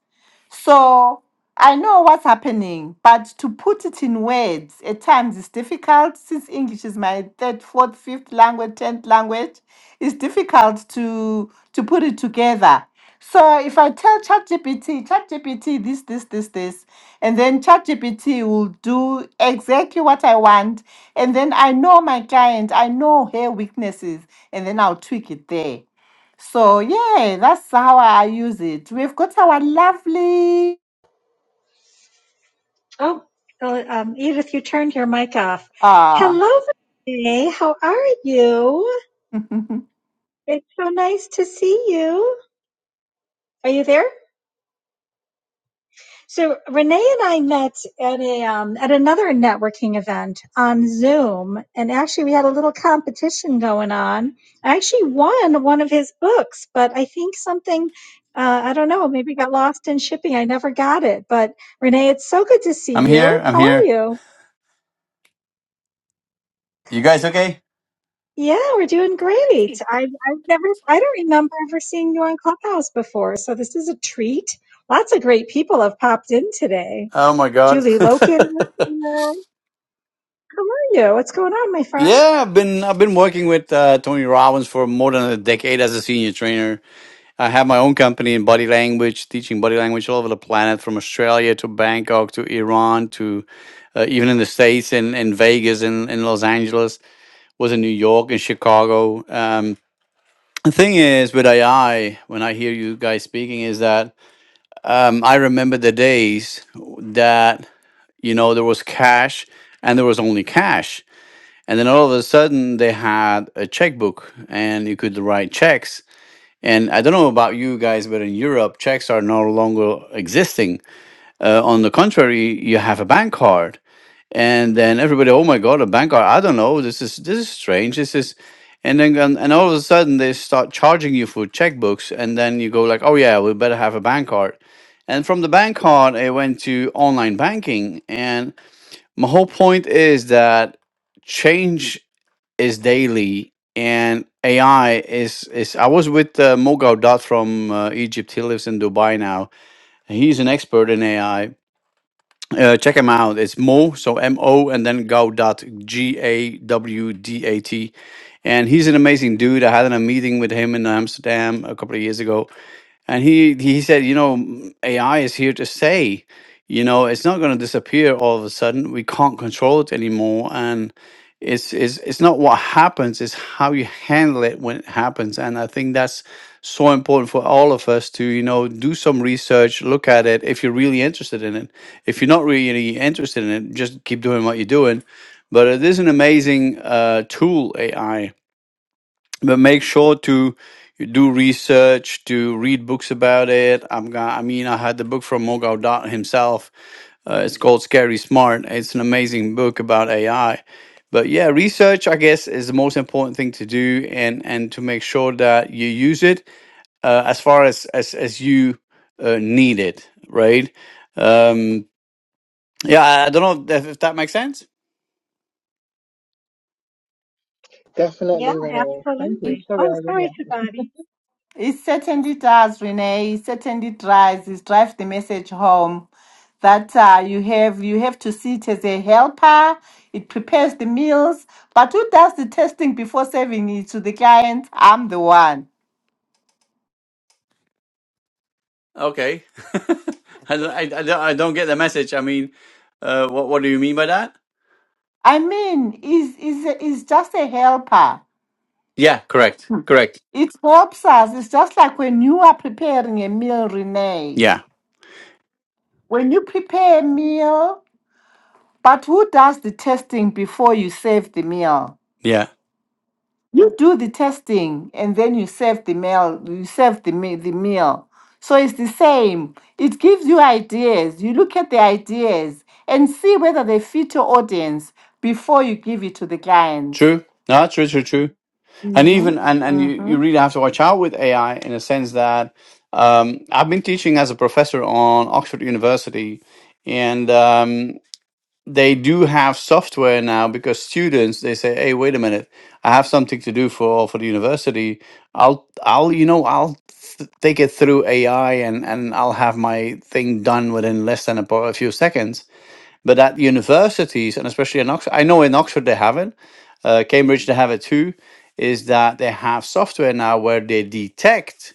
Speaker 1: so I know what's happening, but to put it in words at times is difficult since English is my third, fourth, fifth language, tenth language. It's difficult to to put it together. So if I tell ChatGPT, ChatGPT this, this, this, this, and then ChatGPT will do exactly what I want, and then I know my client, I know her weaknesses, and then I'll tweak it there. So yeah, that's how I use it. We've got our lovely
Speaker 3: oh, uh, um, Edith, you turned your mic off.
Speaker 1: ah.
Speaker 3: Hello, Renee. How are you? It's so nice to see you. Are you there? So Renee and I met at a um, at another networking event on Zoom, and actually we had a little competition going on. I actually won one of his books, but I think something uh, I don't know, maybe got lost in shipping. I never got it. But Renee, it's so good to see
Speaker 9: I'm
Speaker 3: you.
Speaker 9: here. I'm
Speaker 3: How are
Speaker 9: here.
Speaker 3: you?
Speaker 9: You guys okay?
Speaker 3: Yeah, we're doing great. I I've never I don't remember ever seeing you on Clubhouse before, so this is a treat. Lots of great people have popped in today.
Speaker 9: Oh my god.
Speaker 3: Julie Loken, How are you? What's going on, my friend?
Speaker 9: yeah, I've been I've been working with uh, Tony Robbins for more than a decade as a senior trainer. I have my own company in body language, teaching body language all over the planet, from Australia to Bangkok to Iran to uh, even in the states in in Vegas in, in Los Angeles. Was in New York in Chicago. Um, the thing is with AI, when I hear you guys speaking, is that um, I remember the days that you know there was cash and there was only cash and then all of a sudden they had a checkbook and you could write checks and i don't know about you guys but in europe checks are no longer existing uh, on the contrary you have a bank card and then everybody oh my god a bank card i don't know this is this is strange this is and then and, and all of a sudden they start charging you for checkbooks and then you go like oh yeah we better have a bank card and from the bank card, I went to online banking, and. My whole point is that change is daily, and AI is is. I was with uh, Mogao Dot from uh, Egypt. He lives in Dubai now. He's an expert in AI. Uh, check him out. It's Mo, so M O, and then Gaudat, G A W D A T, and he's an amazing dude. I had a meeting with him in Amsterdam a couple of years ago, and he he said, you know, "Mm, AI is here to stay. You know, it's not going to disappear all of a sudden. We can't control it anymore, and it's it's it's not what happens; it's how you handle it when it happens. And I think that's so important for all of us to you know do some research, look at it if you're really interested in it. If you're not really interested in it, just keep doing what you're doing. But it is an amazing uh, tool, AI, but make sure to do research to read books about it i'm gonna i mean i had the book from mogao dot himself uh, it's called scary smart it's an amazing book about ai but yeah research i guess is the most important thing to do and and to make sure that you use it uh, as far as as as you uh, need it right um yeah i, I don't know if, if that makes sense
Speaker 3: Yeah,
Speaker 2: Definitely, Renee. Thank you.
Speaker 3: absolutely.
Speaker 2: Sorry,
Speaker 3: Oh,
Speaker 2: I
Speaker 3: sorry, Shabani.
Speaker 1: He certainly does, Renee. He certainly drives. He drives the message home that uh, you have you have to see it as a helper. It prepares the meals, but who does the testing before serving it to the client? I'm the one.
Speaker 9: Okay. I, don't- I, I, don't, I don't get the message. I mean, uh, what, what do you mean by that?
Speaker 1: I mean, is is is just a helper.
Speaker 9: Yeah, correct. Correct.
Speaker 1: It helps us. It's just like when you are preparing a meal, Renee.
Speaker 9: Yeah.
Speaker 1: When you prepare a meal, but who does the testing before you serve the meal?
Speaker 9: Yeah.
Speaker 1: You do the testing and then you serve the meal. You serve the me- the meal. So it's the same. It gives you ideas. You look at the ideas and see whether they fit your audience before you give it to the clients.
Speaker 9: True. No, true, true, true. And even, and, and you,
Speaker 1: Mm-hmm.
Speaker 9: you really have to watch out with AI in a sense that um, I've been teaching as a professor on Oxford University. And um, they do have software now because students they say hey wait a minute i have something to do for for the university i'll i'll you know i'll th- take it through ai and and i'll have my thing done within less than a, po- a few seconds but at universities and especially in oxford i know in oxford they have it uh, cambridge they have it too is that they have software now where they detect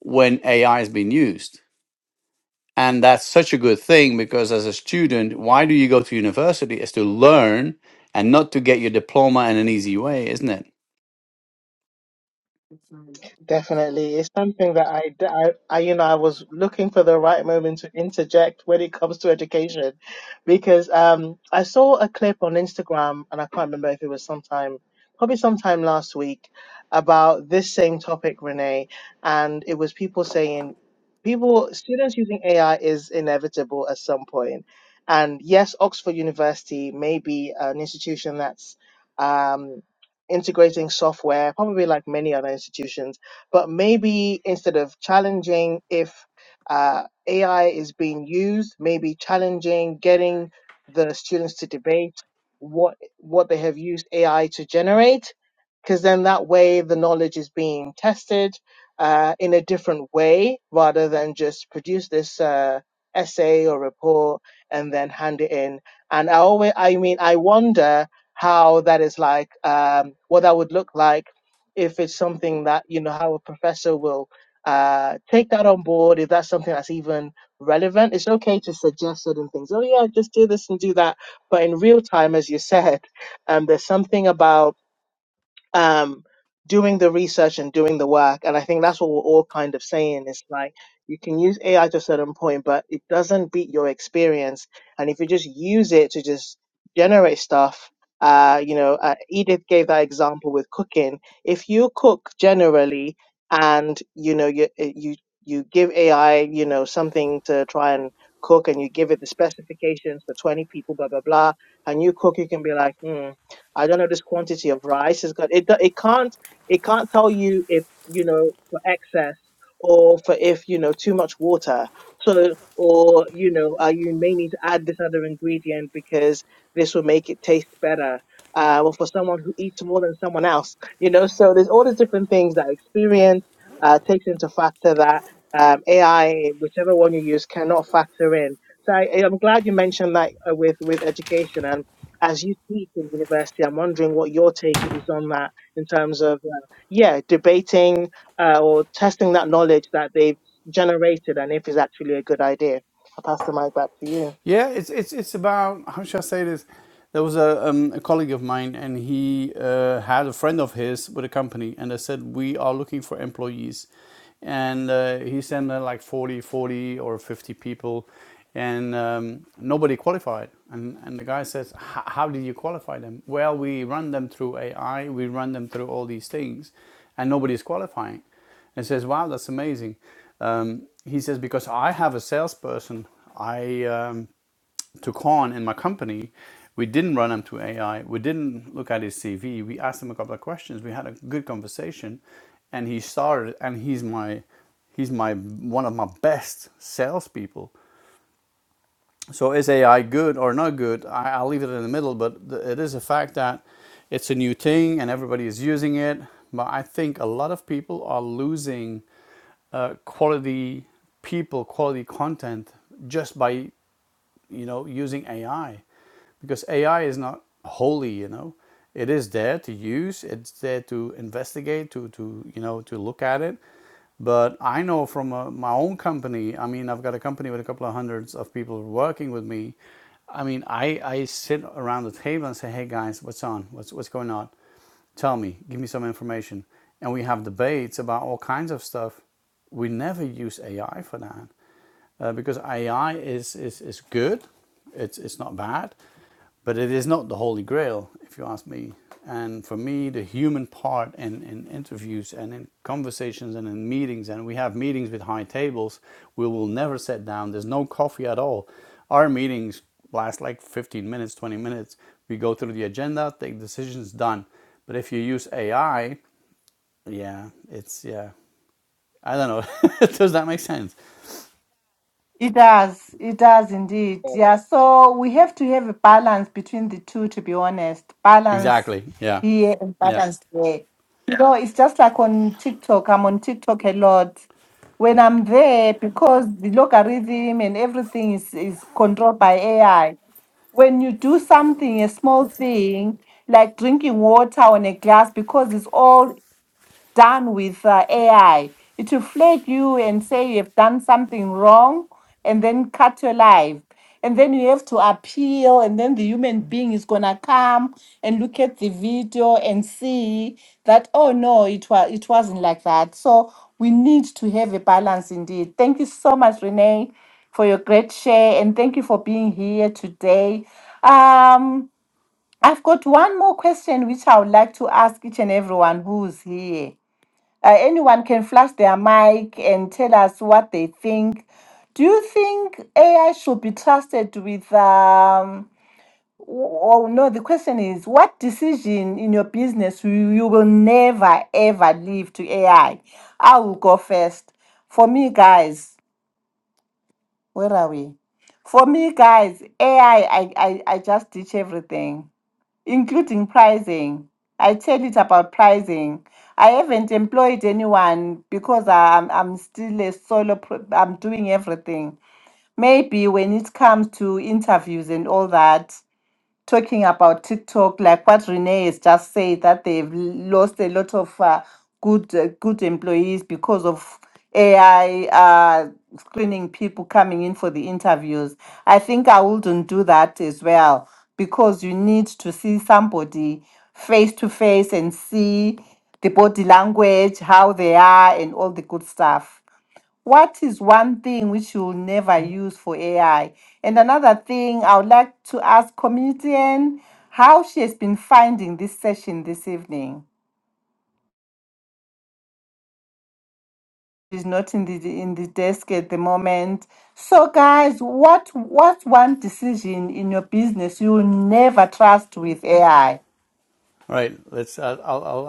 Speaker 9: when ai is being used and that's such a good thing because as a student, why do you go to university is to learn and not to get your diploma in an easy way, isn't it?
Speaker 2: Definitely, it's something that I, I, I, you know, I was looking for the right moment to interject when it comes to education, because um, I saw a clip on Instagram, and I can't remember if it was sometime, probably sometime last week, about this same topic, Renee, and it was people saying, people, students using AI is inevitable at some point, and yes, Oxford University may be an institution that's um, integrating software, probably like many other institutions but maybe instead of challenging if uh, AI is being used, maybe challenging getting the students to debate what what they have used AI to generate, because then that way the knowledge is being tested uh, in a different way rather than just produce this uh, essay or report and then hand it in. And I always, I mean, I wonder how that is like, um, what that would look like if it's something that you know how a professor will uh take that on board if that's something that's even relevant it's okay to suggest certain things oh yeah just do this and do that but in real time as you said um there's something about um, doing the research and doing the work. And I think that's what we're all kind of saying. It's like you can use AI to a certain point, but it doesn't beat your experience. And if you just use it to just generate stuff, uh, you know, uh, Edith gave that example with cooking. If you cook generally, and you know, you uh, you you give AI, you know, something to try and cook, and you give it the specifications for twenty people, blah blah blah, and you cook, you can be like, hmm I don't know this quantity of rice is good. It do- it can't it can't tell you if you know for excess or for if you know too much water. So or you know uh, you may need to add this other ingredient because this will make it taste better. Uh, or for someone who eats more than someone else, you know. So there's all these different things that experience uh, takes into factor that um, AI, whichever one you use, cannot factor in. So I, I'm glad you mentioned that uh, with with education, as you teach in university, I'm wondering what your take is on that in terms of, uh, yeah, debating uh, or testing that knowledge that they've generated and if it's actually a good idea. I'll pass the mic back to you.
Speaker 9: Yeah, it's it's it's about how should I say this? There was a um, a colleague of mine, and he uh, had a friend of his with a company, and they said we are looking for employees, and uh, he sent uh, like 40, 40 or fifty people, and um, nobody qualified. And and the guy says, "H- how did you qualify them? Well, we run them through AI, we run them through all these things, and nobody's qualifying and says, "Wow, that's amazing." Um, he says, "Because I have a salesperson I um, took on in my company. We didn't run him to AI. We didn't look at his CV. We asked him a couple of questions. We had a good conversation, and he started. And he's my he's my one of my best salespeople. So is AI good or not good? I, I'll leave it in the middle, but th- it is a fact that it's a new thing and everybody is using it. But I think a lot of people are losing uh, quality people, quality content just by you know, using AI because AI is not holy, you know. It is there to use, it's there to investigate, to, to you know, to look at it. But I know from uh, my own company, I mean, I've got a company with a couple of hundreds of people working with me. I mean, I, I sit around the table and say, hey guys, what's on? What's, what's going on? Tell me, give me some information. And we have debates about all kinds of stuff. We never use AI for that uh, because AI is, is, is good, it's, it's not bad, but it is not the holy grail, if you ask me. And for me, the human part in, in interviews and in conversations and in meetings, and we have meetings with high tables, we will never sit down. There's no coffee at all. Our meetings last like 15 minutes, 20 minutes. We go through the agenda, take decisions, done. But if you use AI, yeah, it's, yeah, I don't know. Does that make sense?
Speaker 1: It does. It does indeed. Yeah. So we have to have a balance between the two, to be honest. Balance
Speaker 9: Exactly. Yeah.
Speaker 1: here and
Speaker 9: Yeah.
Speaker 1: balance there. You know, it's just like on TikTok. I'm on TikTok a lot. When I'm there, because the logarithm and everything is, is controlled by AI. When you do something, a small thing, like drinking water on a glass, because it's all done with uh, AI. It will flag you and say you have done something wrong and then cut your life. And then you have to appeal, and then the human being is gonna come and look at the video and see that oh no, it was it wasn't like that. So we need to have a balance indeed. Thank you so much, Renee, for your great share, and thank you for being here today. Um, I've got one more question which I would like to ask each and everyone who's here. Uh, anyone can flash their mic and tell us what they think. Do you think AI should be trusted with? Um, oh no, the question is, what decision in your business you, you will never ever leave to AI? I I will go first. For me, guys, where are we? For me, guys, AI, I, I, I I just teach everything including pricing. I tell it about pricing. I haven't employed anyone because I'm I'm still a solo. Pro- I'm doing everything. Maybe when it comes to interviews and all that, talking about TikTok, like what Renee has just said, that they've lost a lot of uh, good uh, good employees because of AI uh, screening people coming in for the interviews. I think I wouldn't do that as well because you need to see somebody face to face and see the body language, how they are, and all the good stuff. What is one thing which you'll never use for AI? And another thing I would like to ask comedian how she has been finding this session this evening. She's not in the in the desk at the moment. So guys, what what's one decision in your business you'll never trust with AI?
Speaker 9: All right. Let's. Uh, I'll. I'll.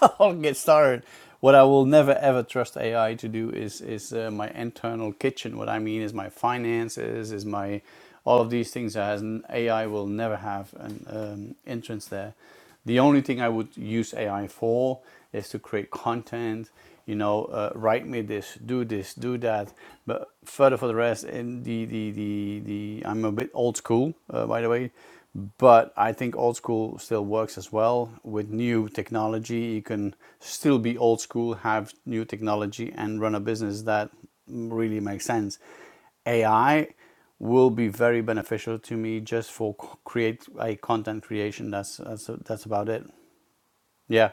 Speaker 9: I'll, I'll get started. What I will never ever trust AI to do is is uh, my internal kitchen. What I mean is my finances, is my all of these things. As an AI will never have an um, entrance there. The only thing I would use AI for is to create content, you know, uh, write me this, do this, do that. But further for the rest, in the the the, the I'm a bit old school, uh, by the way. But I think old school still works as well. With new technology, you can still be old school, have new technology, and run a business that really makes sense. AI will be very beneficial to me just for create a content creation. That's that's that's about it. Yeah,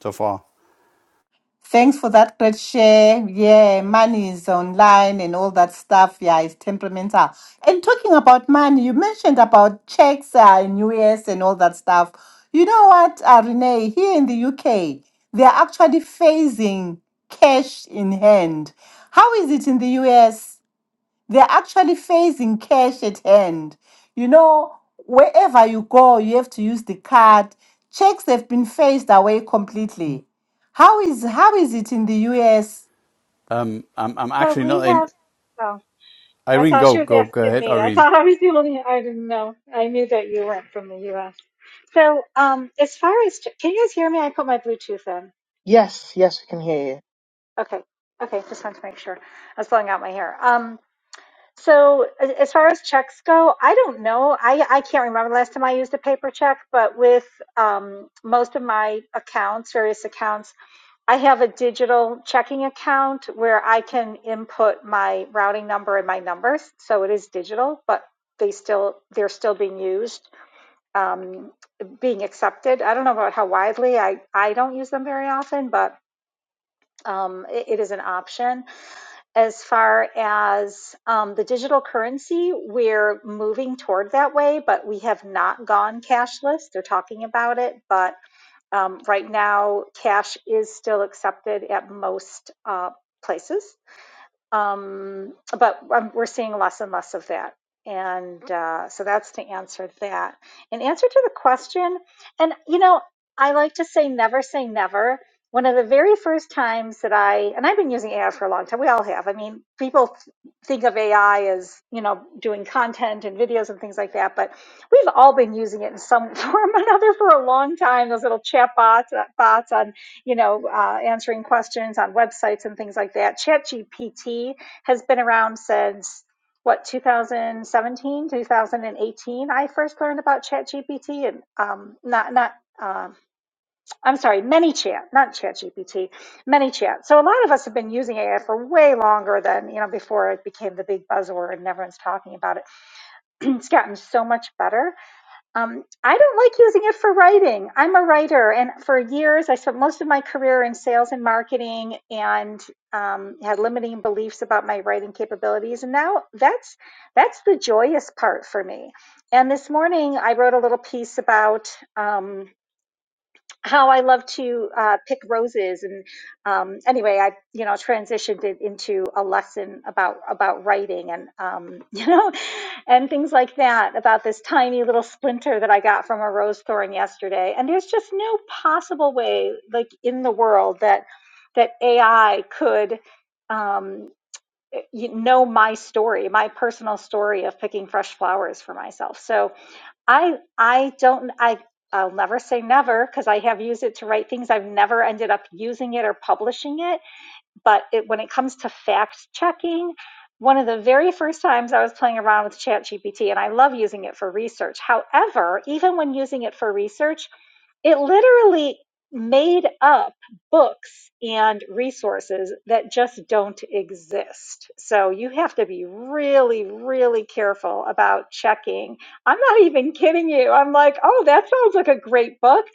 Speaker 9: so far.
Speaker 1: Thanks for that great share. Yeah, money is online and all that stuff. Yeah, it's temperamental. And talking about money, you mentioned about checks uh, in US and all that stuff. You know what, uh, Renee? Here in the UK, they are actually phasing cash in hand. How is it in the US? They're actually facing cash at hand. You know, wherever you go, you have to use the card. Checks have been phased away completely. How is how is it in the US?
Speaker 9: Um, I'm I'm
Speaker 3: So
Speaker 9: actually
Speaker 3: we
Speaker 9: not in.
Speaker 3: have, oh, I
Speaker 9: Irene,
Speaker 3: thought she
Speaker 9: go
Speaker 3: was
Speaker 9: go go
Speaker 3: asking
Speaker 9: ahead,
Speaker 3: me. I
Speaker 9: Irene.
Speaker 3: thought I was the only, I didn't know. I knew that you weren't from the US. So, um, as far as, can you guys hear me? I put my Bluetooth in.
Speaker 2: Yes, yes, we can hear
Speaker 3: Okay. Okay. Just wanted to make sure. I was blowing out my hair. Um, so a- as far as checks go, I don't know. I, I can't remember the last time I used a paper check, but with um, most of my accounts, various accounts, I have a digital checking account where I can input my routing number and my numbers, so it is digital, but they still they're still being used, um, being accepted. I don't know about how widely. I I don't use them very often, but um, it, it is an option. As far as um, the digital currency, we're moving toward that way, but we have not gone cashless. They're talking about it, but um, right now, cash is still accepted at most uh, places. Um, but um, we're seeing less and less of that. And uh, so that's to answer that. In answer to the question, and you know, I like to say never say never. One of the very first times that I, and I've been using AI for a long time, we all have. I mean, people th- think of AI as, you know, doing content and videos and things like that, but we've all been using it in some form or another for a long time, those little chat bots, uh, bots on you know, uh, answering questions on websites and things like that. ChatGPT has been around since what 2017, 2018. I first learned about ChatGPT and um, not not. Um, I'm sorry, ManyChat, not ChatGPT, ManyChat. So a lot of us have been using AI for way longer than you know before it became the big buzzword and everyone's talking about it. it's gotten so much better um, I don't like using it for writing. I'm a writer, and for years, I spent most of my career in sales and marketing and um, had limiting beliefs about my writing capabilities. And now that's that's the joyous part for me. And this morning, I wrote a little piece about um, how I love to uh, pick roses. And um, anyway, I you know transitioned it into a lesson about about writing and um, you know and things like that about this tiny little splinter that I got from a rose thorn yesterday. And there's just no possible way, like in the world, that that AI could. Um, you know my story, my personal story of picking fresh flowers for myself. So, I I don't I I'll never say never because I have used it to write things. I've never ended up using it or publishing it. But it, when it comes to fact checking, one of the very first times I was playing around with ChatGPT, and I love using it for research. However, even when using it for research, it literally made up books and resources that just don't exist. So you have to be really, really careful about checking. I'm not even kidding you. I'm like, oh, that sounds like a great book.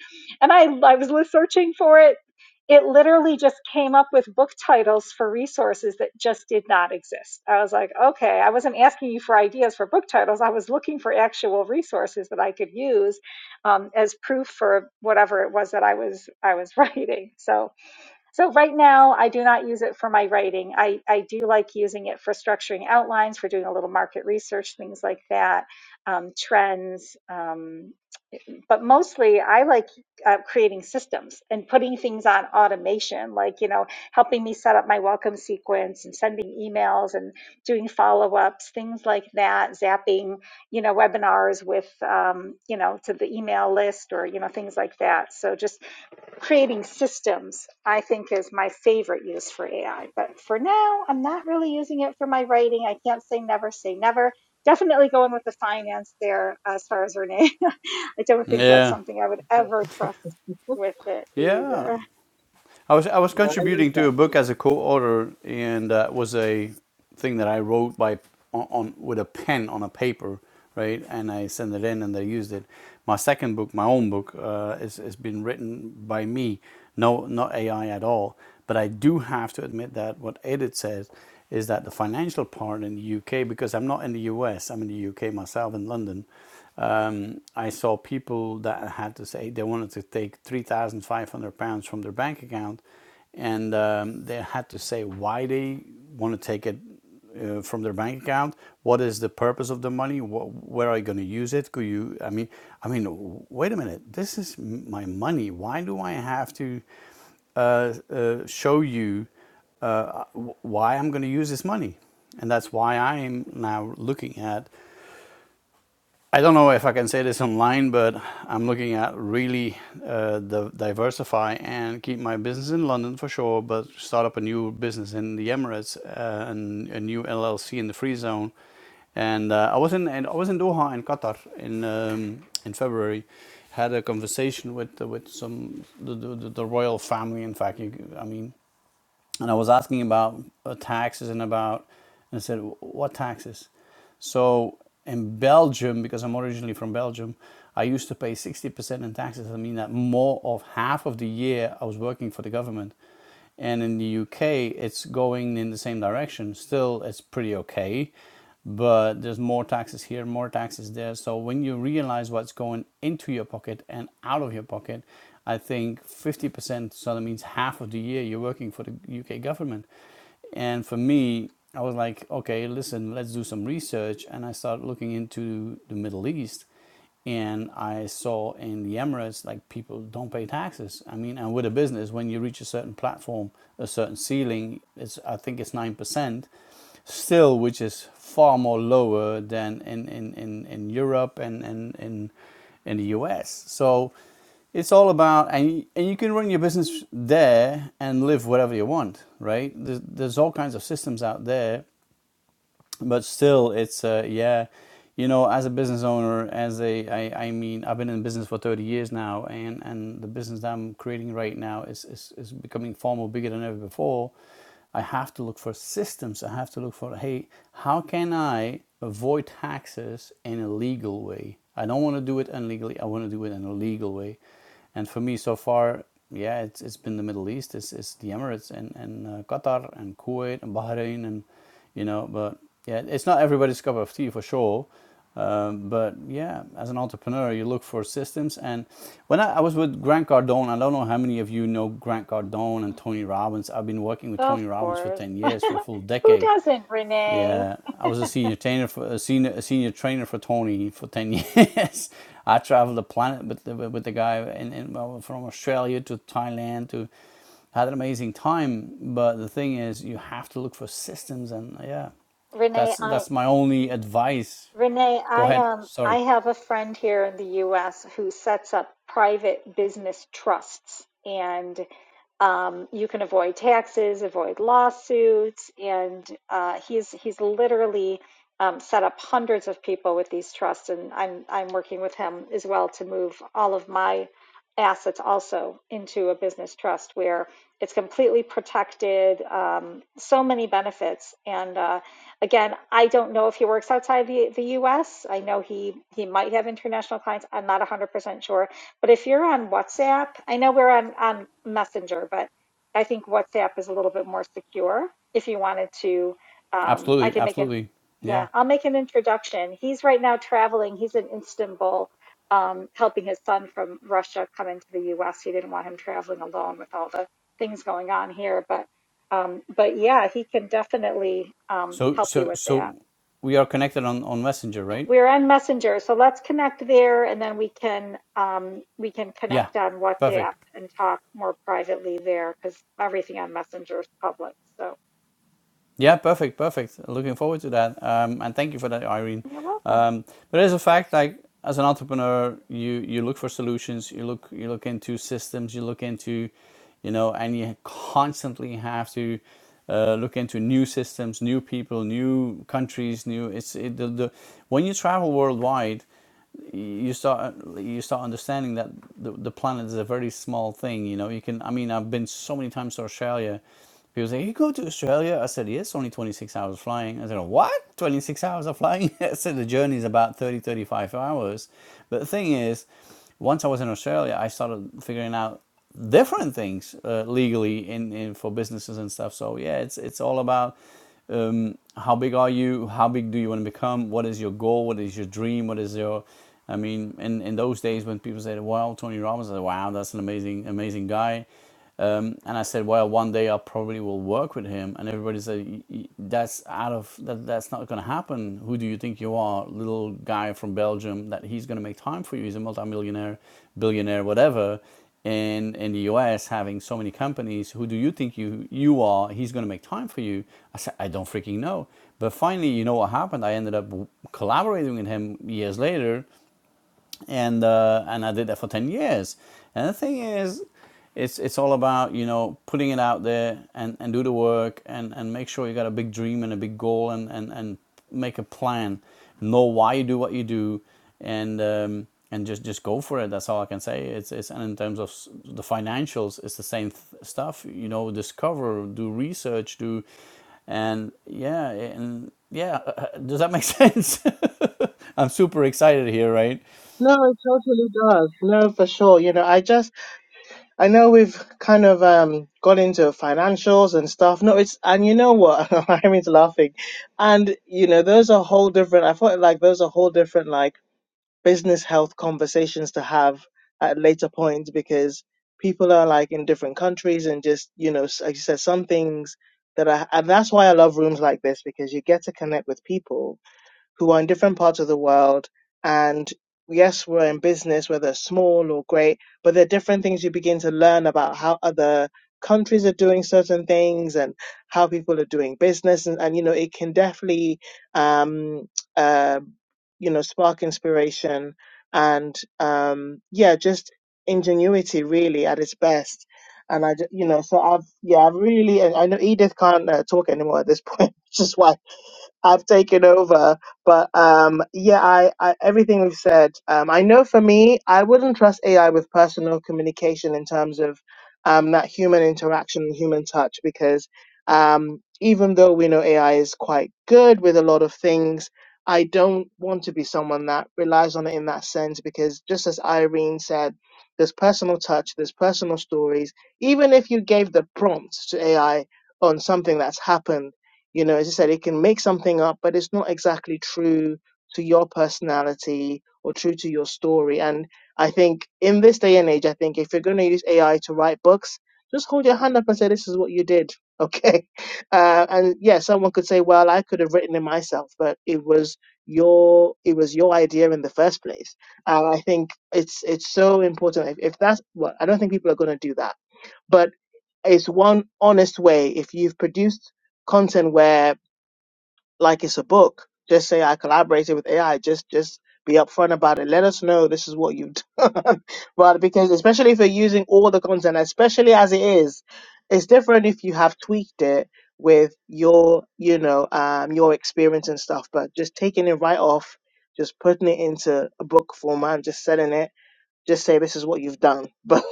Speaker 3: And I, I was li- searching for it. It literally just came up with book titles for resources that just did not exist. I was like, okay, I wasn't asking you for ideas for book titles. I was looking for actual resources that I could use um, as proof for whatever it was that I was I was writing. So so right now I do not use it for my writing. I, I do like using it for structuring outlines, for doing a little market research, things like that, um, trends. Um, um, but mostly I like uh, creating systems and putting things on automation, like, you know, helping me set up my welcome sequence and sending emails and doing follow ups, things like that, zapping, you know, webinars with, um, you know, to the email list or, you know, things like that. So just creating systems, I think, is my favorite use for AI. But for now, I'm not really using it for my writing. I can't say never, say never. Definitely going with the finance there as far as Renee. I don't think that's
Speaker 9: Yeah,
Speaker 3: something I would
Speaker 2: you.
Speaker 3: ever trust with it
Speaker 2: Yeah,
Speaker 9: yeah.
Speaker 3: either.
Speaker 9: I was I was
Speaker 2: no, I love
Speaker 9: contributing to a
Speaker 2: that.
Speaker 9: book as a co-author, and that was a thing that I wrote by on, on with a pen on a paper, right? And I sent it in, and they used it. My second book, my own book, uh, is is been written by me, no not AI at all. But I do have to admit that what Edith says is that the financial part in the UK, because I'm not in the US, I'm in the UK myself in London, um, I saw people that had to say they wanted to take 3,500 pounds from their bank account, and um, they had to say why they want to take it uh, from their bank account. What is the purpose of the money? What, where are you going to use it? Could you? I mean, I mean, wait a minute. This is my money. Why do I have to uh, uh, show you uh, why I'm going to use this money? And that's why I am now looking at I don't know if I can say this online, but I'm looking at really uh, the diversify and keep my business in London for sure, but start up a new business in the Emirates, uh, and a new LLC in the Free Zone. And uh, I was in and I was in Doha in Qatar in um, in February. Had a conversation with uh, with some the the the royal family. In fact, you, I mean, and I was asking about uh, taxes and about, and I said, what taxes? So in Belgium, because I'm originally from Belgium, I used to pay 60% in taxes. I mean that more of half of the year I was working for the government. And in the UK, it's going in the same direction. Still, it's pretty okay but there's more taxes here, more taxes there. So when you realize what's going into your pocket and out of your pocket, I think 50%, so that means half of the year you're working for the UK government. And for me, I was like, okay, listen, let's do some research. And I started looking into the Middle East. And I saw in the Emirates, like people don't pay taxes. I mean, and with a business, when you reach a certain platform, a certain ceiling, it's I think it's nine percent still, which is far more lower than in, in, in, in Europe and, and in, in the US. So it's all about, and, and you can run your business there and live whatever you want, right? There's, there's all kinds of systems out there but still it's uh, yeah you know as a business owner as a I, I mean i've been in business for 30 years now and and the business that i'm creating right now is, is is becoming far more bigger than ever before i have to look for systems i have to look for hey how can i avoid taxes in a legal way i don't want to do it illegally i want to do it in a legal way and for me, so far, yeah, it's it's been the Middle East, it's, it's the Emirates and and uh, Qatar and Kuwait and Bahrain and you know, but yeah, it's not everybody's cup of tea for sure. Um, but yeah, as an entrepreneur, you look for systems. And when I, I was with Grant Cardone, I don't know how many of you know Grant Cardone and Tony Robbins. I've been working with
Speaker 3: Of
Speaker 9: Tony Robbins for
Speaker 3: course.
Speaker 9: 10 years, for a full
Speaker 3: Who
Speaker 9: decade.
Speaker 3: doesn't, Renee?
Speaker 9: Yeah, I was a senior trainer for a senior a senior trainer for Tony for ten years. I traveled the planet with the, with the guy in, in well, from Australia to Thailand to had an amazing time. But the thing is, you have to look for systems, and yeah, that's
Speaker 3: Renee, I
Speaker 9: that's my only advice.
Speaker 3: Renee,
Speaker 9: Go
Speaker 3: I
Speaker 9: ahead.
Speaker 3: um I
Speaker 9: Sorry.
Speaker 3: have a friend here in the US who sets up private business trusts and um, you can avoid taxes, avoid lawsuits, and uh, he's he's literally um, set up hundreds of people with these trusts, and I'm I'm working with him as well to move all of my assets also into a business trust where it's completely protected, um, so many benefits, and uh, Again, I don't know if he works outside the, the US. I know he, he might have international clients. I'm not 100% sure. But if you're on WhatsApp, I know we're on, on Messenger, but I think WhatsApp is a little bit more secure. If you wanted to, um, I
Speaker 9: Absolutely,
Speaker 3: can make an,
Speaker 9: absolutely.
Speaker 3: yeah,
Speaker 9: Yeah.
Speaker 3: I'll make an introduction. He's right now traveling. He's in Istanbul, um, helping his son from Russia come into the US. He didn't want him traveling alone with all the things going on here, but um, but yeah, he can definitely um,
Speaker 9: So
Speaker 3: help you
Speaker 9: so
Speaker 3: with that.
Speaker 9: so we are connected on on Messenger, right?
Speaker 3: We're on Messenger, so let's connect there, and then we can um, we can
Speaker 9: Yeah.
Speaker 3: connect on WhatsApp
Speaker 9: Perfect.
Speaker 3: and talk more privately there because everything on Messenger is public. So
Speaker 9: Yeah, perfect, perfect. Looking forward to that. Um, and thank you for that, Irene.
Speaker 3: you're welcome.
Speaker 9: Um, but as a fact, like as an entrepreneur, you you look for solutions. You look you look into systems. You look into, you know, and you constantly have to uh, look into new systems, new people, new countries, new. It's it, the, the when you travel worldwide you start you start understanding that the, the planet is a very small thing you know you can i mean i've been so many times to australia people say you go to australia i said yes only 26 hours flying i said what 26 hours of flying i said the journey is about 30 35 hours but the thing is once i was in australia i started figuring out different things uh, legally in, in for businesses and stuff. So yeah, it's it's all about um, how big are you? How big do you want to become? What is your goal? What is your dream? What is your I mean, in, in those days when people said, "Wow, Tony Robbins," I said, "Wow, that's an amazing amazing guy." Um, and I said, well, one day I probably will work with him. And everybody said, "Y- y- that's out of that, that's not going to happen. Who do you think you are, little guy from Belgium? That he's going to make time for you. He's a multimillionaire, billionaire, whatever. And in the US, having so many companies, who do you think you you are? He's going to make time for you. I said, I don't freaking know. But finally, you know what happened? I ended up w- collaborating with him years later and uh, and I did that for ten years. And the thing is, it's it's all about you know putting it out there and, and do the work and, and make sure you got a big dream and a big goal and, and, and make a plan, know why you do what you do, and um, and just, just go for it. That's all I can say. It's, it's and in terms of the financials, it's the same th- stuff. You know, discover, do research, do and yeah and yeah. Does that make sense? I'm super excited here, right?
Speaker 2: No, it totally does. No, for sure. You know, I just I know we've kind of um, got into financials and stuff. No, it's and you know what? I mean, it's laughing, and you know, those are whole different. I thought like those are whole different like business health conversations to have at later points because people are like in different countries and just you know, s- like you said, some things that I and that's why I love rooms like this because you get to connect with people who are in different parts of the world. And yes, we're in business, whether small or great, but there are different things you begin to learn about how other countries are doing certain things and how people are doing business. And, and you know, it can definitely, um, uh, you know, spark inspiration and, um, yeah, just ingenuity really at its best. And I, ju- you know, so I've, yeah, I've really, I I know Edith can't uh, talk anymore at this point, which is why I've taken over. But um, yeah, I, I everything we've said. Um, I know for me, I wouldn't trust AI with personal communication in terms of um, that human interaction and human touch because um, even though we know AI is quite good with a lot of things. I don't want to be someone that relies on it in that sense because, just as Irene said, there's personal touch, there's personal stories. Even if you gave the prompt to AI on something that's happened, you know, as you said, it can make something up, but it's not exactly true to your personality or true to your story. And I think in this day and age, I think if you're going to use AI to write books, just hold your hand up and say, this is what you did. Okay. Uh, and yeah, someone could say, well, I could have written it myself, but it was your it was your idea in the first place and i think it's it's so important if, if that's well i don't think people are going to do that but it's one honest way if you've produced content where like it's a book. Just say I collaborated with AI. Just just be upfront about it. Let us know this is what you've done. but because especially if you're using all the content, especially as it is, it's different if you have tweaked it with your, you know, um your experience and stuff. But just taking it right off, just putting it into a book format, and just selling it just say this is what you've done. But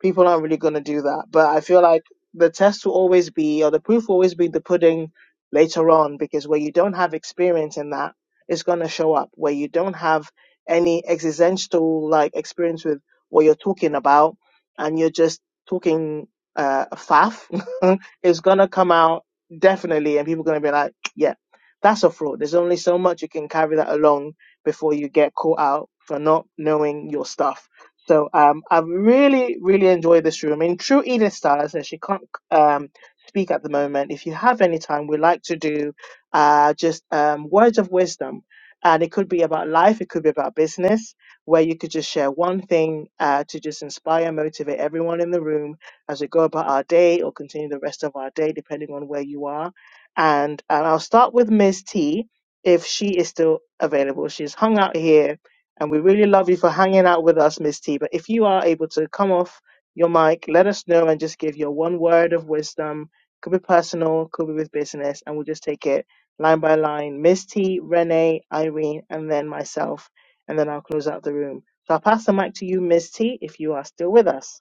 Speaker 2: people aren't really going to do that. But I feel like the test will always be, or the proof will always be the pudding later on, because where you don't have experience in that, it's going to show up. Where you don't have any existential like experience with what you're talking about, and you're just talking uh, faff, it's going to come out definitely, and people are going to be like, yeah, that's a fraud. There's only so much you can carry that along before you get caught out for not knowing your stuff. So um, I've really, really enjoyed this room. In true Edith style, I said she can't um, speak at the moment. If you have any time, we like to do uh, just um, words of wisdom. And it could be about life, it could be about business, where you could just share one thing uh, to just inspire, motivate everyone in the room as we go about our day or continue the rest of our day, depending on where you are. And, and I'll start with Ms. T if she is still available. She's hung out here, and we really love you for hanging out with us, Miss T. But if you are able to come off your mic, let us know and just give your one word of wisdom. Could be personal, could be with business, and we'll just take it line by line. Miss T, Renee, Irene, and then myself, and then I'll close out the room. So I'll pass the mic to you, Miss T, if you are still with us.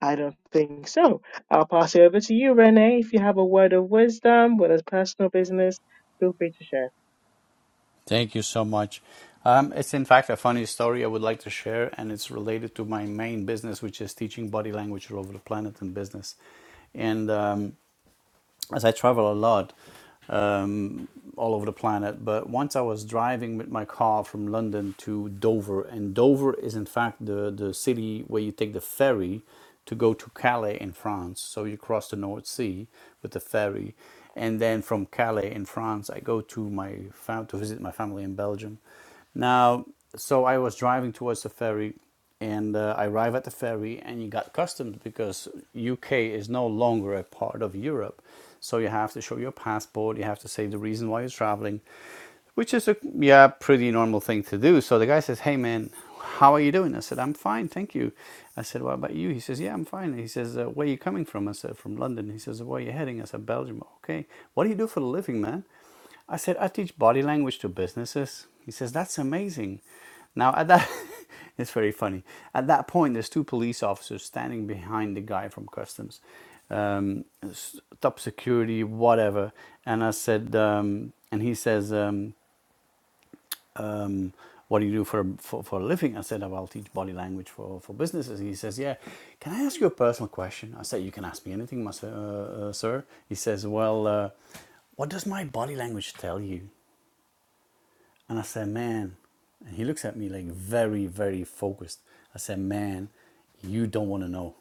Speaker 2: I don't think so. I'll pass it over to you, Renee. If you have a word of wisdom, whether it's personal business, feel free to share.
Speaker 9: Thank you so much. Um, it's in fact a funny story I would like to share, and it's related to my main business, which is teaching body language all over the planet and business. And um, as I travel a lot um, all over the planet. But once I was driving with my car from London to Dover, and Dover is in fact the, the city where you take the ferry to go to Calais in France. So you cross the North Sea with the ferry. And then from Calais in France, I go to my fam- to visit my family in Belgium. Now, so I was driving towards the ferry and uh, I arrive at the ferry, and you got customs because UK is no longer a part of Europe, so you have to show your passport, you have to say the reason why you're traveling, which is a yeah pretty normal thing to do. So the guy says, "Hey man, how are you doing?" I said, "I'm fine, thank you." I said, "What about you?" He says, "Yeah, I'm fine." He says, uh, "Where are you coming from?" I said, "From London." He says, "Where are you heading?" I said, "Belgium." Okay, what do you do for a living, man? I said, I teach body language to businesses. He says, That's amazing. Now, at that, it's very funny. At that point, there's two police officers standing behind the guy from customs, um, top security, whatever. And I said, um, And he says, um, um, what do you do for, for, for a living? I said, "Oh, I'll teach body language for, for businesses. He says, yeah, can I ask you a personal question? I said, you can ask me anything, mas- uh, uh, sir. He says, well, uh, what does my body language tell you? And I said, man, and he looks at me like very, very focused. I said, man, you don't want to know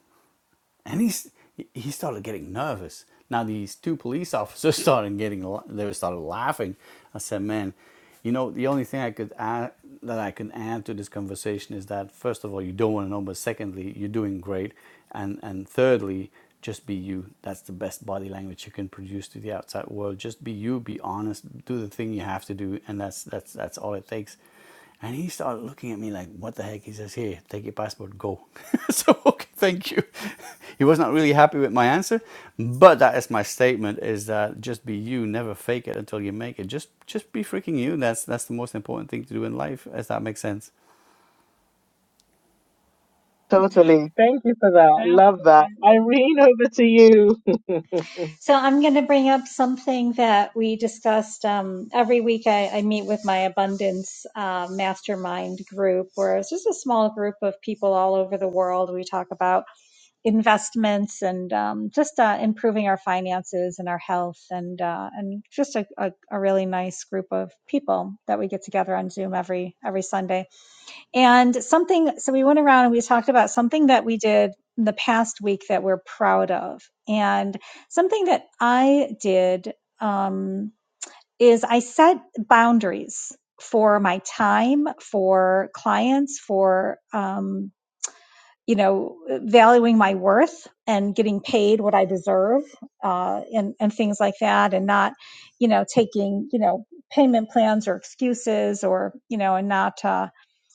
Speaker 9: and he's he started getting nervous. Now these two police officers started getting they started laughing. I said, "Man, you know the only thing I could add that I can add to this conversation is that first of all you don't want to know, but secondly you're doing great, and and thirdly." Just be you. That's the best body language you can produce to the outside world. Just be you. Be honest. Do the thing you have to do, and that's that's that's all it takes. And he started looking at me like, what the heck? He says, here, take your passport, go. so, okay, thank you. he was not really happy with my answer, but that is my statement is that just be you, never fake it until you make it. Just just be freaking you. That's that's the most important thing to do in life, as that makes sense.
Speaker 2: Totally. Thank you for that. Love that.
Speaker 3: Absolutely.
Speaker 2: Irene, over to you.
Speaker 3: So I'm going to bring up something that we discussed um, every week. I, I meet with my abundance uh, mastermind group, where it's just a small group of people all over the world. We talk about investments and um, just uh, improving our finances and our health and uh, and just a, a, a really nice group of people that we get together on Zoom every every Sunday. And something so we went around and we talked about something that we did in the past week that we're proud of and something that I did um, is I set boundaries for my time, for clients, for um, you know, valuing my worth and getting paid what I deserve, uh, and and things like that, and not, you know, taking you know payment plans or excuses or you know, and not uh,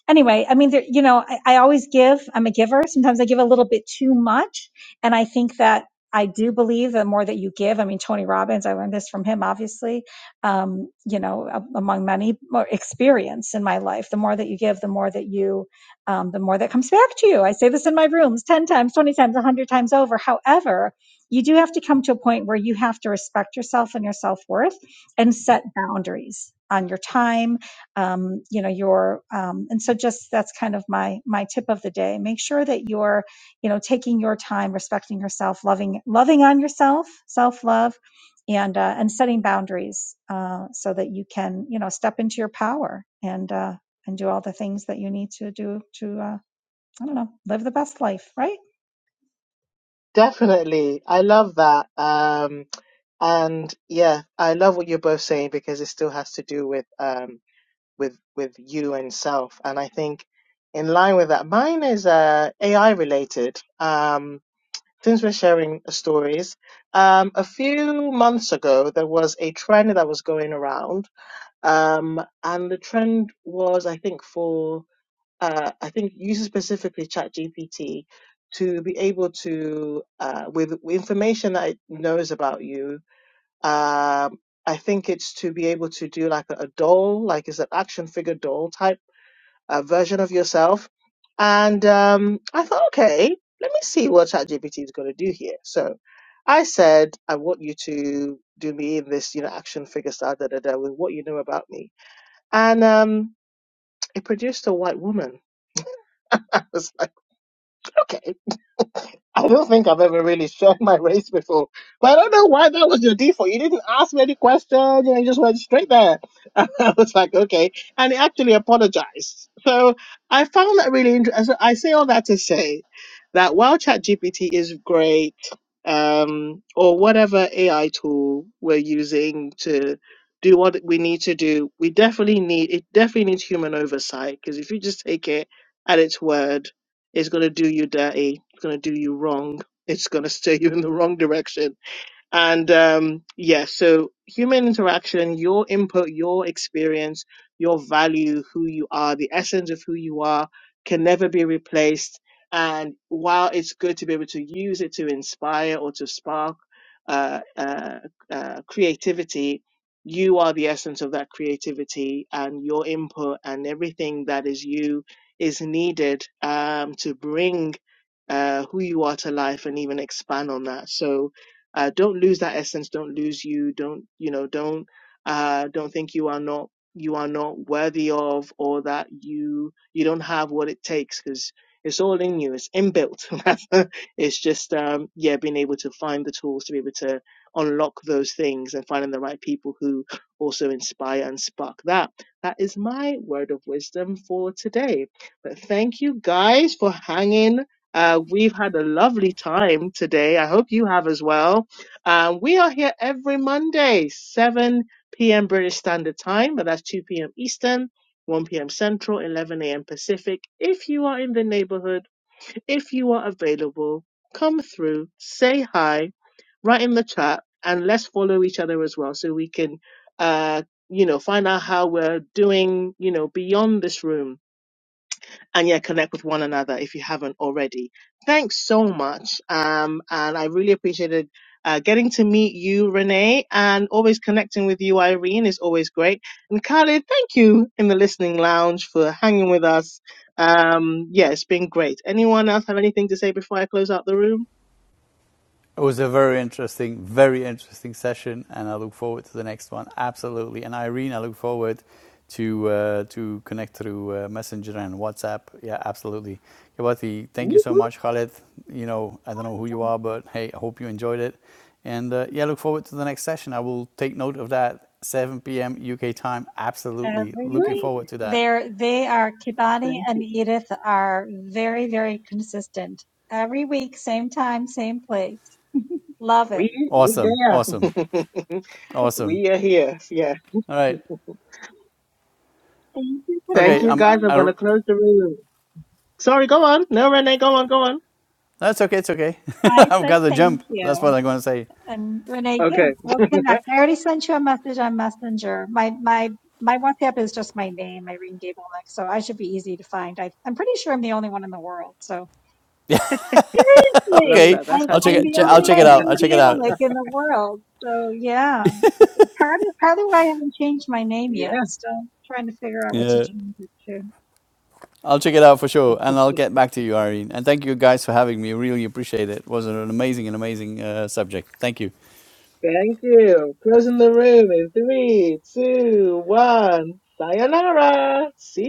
Speaker 3: anyway, I mean, there, you know, I, I always give. I'm a giver. Sometimes I give a little bit too much, and I think that I do believe the more that you give. I mean, Tony Robbins. I learned this from him, obviously. Um, you know, a- among many more experience in my life, the more that you give, the more that you, um, the more that comes back to you. I say this in my rooms ten times, twenty times, a hundred times over. However. You do have to come to a point where you have to respect yourself and your self worth and set boundaries on your time, um, you know your um, and so just that's kind of my my tip of the day make sure that you're you know taking your time respecting yourself loving loving on yourself self love and uh, and setting boundaries uh, so that you can you know step into your power and uh, and do all the things that you need to do to uh, i don't know live the best life right
Speaker 2: Definitely. I love that. Um, and yeah, I love what you're both saying because it still has to do with um with with you and self. And I think in line with that, mine is uh AI related. Um since we're sharing stories, um, a few months ago there was a trend that was going around, um, and the trend was I think for uh, I think using specifically ChatGPT to be able to, uh, with, with information that it knows about you, um, I think it's to be able to do like a, a doll, like it's an action figure doll type uh, version of yourself. And um, I thought, okay, let me see what ChatGPT is going to do here. So I said, I want you to do me in this, you know, action figure style, da da da, with what you know about me. And um, it produced a white woman. I was like, okay I don't think I've ever really shared my race before. But I don't know why that was your default. You didn't ask me any questions, you know, you just went straight there. And I was like, okay. And he actually apologized. So I found that really interesting. So I say all that to say that while ChatGPT is great, um, or whatever AI tool we're using to do what we need to do, we definitely need it definitely needs human oversight because if you just take it at its word it's going to do you dirty. It's going to do you wrong. It's going to steer you in the wrong direction. And um, yeah, so human interaction, your input, your experience, your value, who you are, the essence of who you are can never be replaced. And while it's good to be able to use it to inspire or to spark uh, uh, uh, creativity, you are the essence of that creativity, and your input and everything that is you is needed um, to bring uh, who you are to life and even expand on that. So, uh, don't lose that essence don't lose you don't you know don't uh, don't think you are not you are not worthy of or that you you don't have what it takes because it's all in you it's inbuilt it's just um, yeah being able to find the tools to be able to unlock those things and finding the right people who also inspire and spark that that is my word of wisdom for today but thank you guys for hanging uh, we've had a lovely time today. I hope you have as well um, we are here every Monday, 7 p.m. British Standard Time, but that's 2 p.m. Eastern, 1 p.m. Central, 11 a.m. Pacific. If you are in the neighborhood, if you are available, come through, say hi, write in the chat, and let's follow each other as well so we can, uh, you know, find out how we're doing, you know, beyond this room and yeah, connect with one another if you haven't already. Thanks so much. Um, and I really appreciated uh, getting to meet you, Renee, and always connecting with you, Irene, is always great. And Khalid, thank you in the listening lounge for hanging with us. Um, yeah, it's been great. Anyone else have anything to say before I close out the room?
Speaker 9: It was a very interesting, very interesting session, and I look forward to the next one. Absolutely. And Irene, I look forward to uh, to connect through uh, Messenger and WhatsApp. Yeah, absolutely. Kawati, thank you
Speaker 2: Woo,
Speaker 9: so
Speaker 2: woo,
Speaker 9: much. Khaled, you know, I don't know who you are, but hey, I hope you enjoyed it. And uh, yeah, look forward to the next session. I will take note of that. 7 p.m. UK time. Absolutely.
Speaker 3: every
Speaker 9: Looking
Speaker 2: woo.
Speaker 3: week.
Speaker 9: forward to that.
Speaker 3: They're they are Kibani
Speaker 2: Thank
Speaker 3: and
Speaker 2: you.
Speaker 3: Edith are very very consistent. Every week, same time, same place. Love it.
Speaker 2: We we
Speaker 9: Awesome. Awesome.
Speaker 2: there.
Speaker 9: Awesome.
Speaker 2: we are here. Yeah.
Speaker 9: All right.
Speaker 3: Thank you,
Speaker 9: Okay.
Speaker 2: Thank you
Speaker 9: I'm,
Speaker 2: guys. I'm
Speaker 3: Kibani.
Speaker 9: I
Speaker 2: gonna close the room. Sorry, go on. No, Renee, go on, go on.
Speaker 9: That's okay. It's okay.
Speaker 3: I
Speaker 9: I've got
Speaker 3: said
Speaker 9: the
Speaker 3: thank
Speaker 9: jump.
Speaker 3: you.
Speaker 9: That's what I'm gonna say.
Speaker 3: And Renee, yeah,
Speaker 2: Okay.
Speaker 3: we'll connect. I already sent you a message on Messenger. My my my WhatsApp is just my name, Irene Gablenick, so I should be easy to find. I, I'm pretty sure I'm the only one in the world. So
Speaker 2: Love
Speaker 9: Okay,
Speaker 3: Really?
Speaker 2: that.
Speaker 3: I'm
Speaker 2: That's how
Speaker 9: I'll check
Speaker 3: I'm
Speaker 2: unique
Speaker 9: it.
Speaker 3: the
Speaker 9: Che-
Speaker 2: you
Speaker 9: I'll
Speaker 2: are.
Speaker 3: only
Speaker 9: check it out. I'll
Speaker 3: Irene
Speaker 9: check it out.
Speaker 3: Gablenick in the world. So yeah, part of part of why I haven't changed my name yet.
Speaker 2: Yeah.
Speaker 3: Still trying to figure out what to
Speaker 9: yeah,
Speaker 3: change it to.
Speaker 9: I'll check it out for sure, and I'll get back to you, Irene. And thank you guys for having me. Really appreciate it. It was an amazing, an amazing uh, subject. Thank you.
Speaker 2: Thank you. Closing the room in three, two, one. Sayonara. See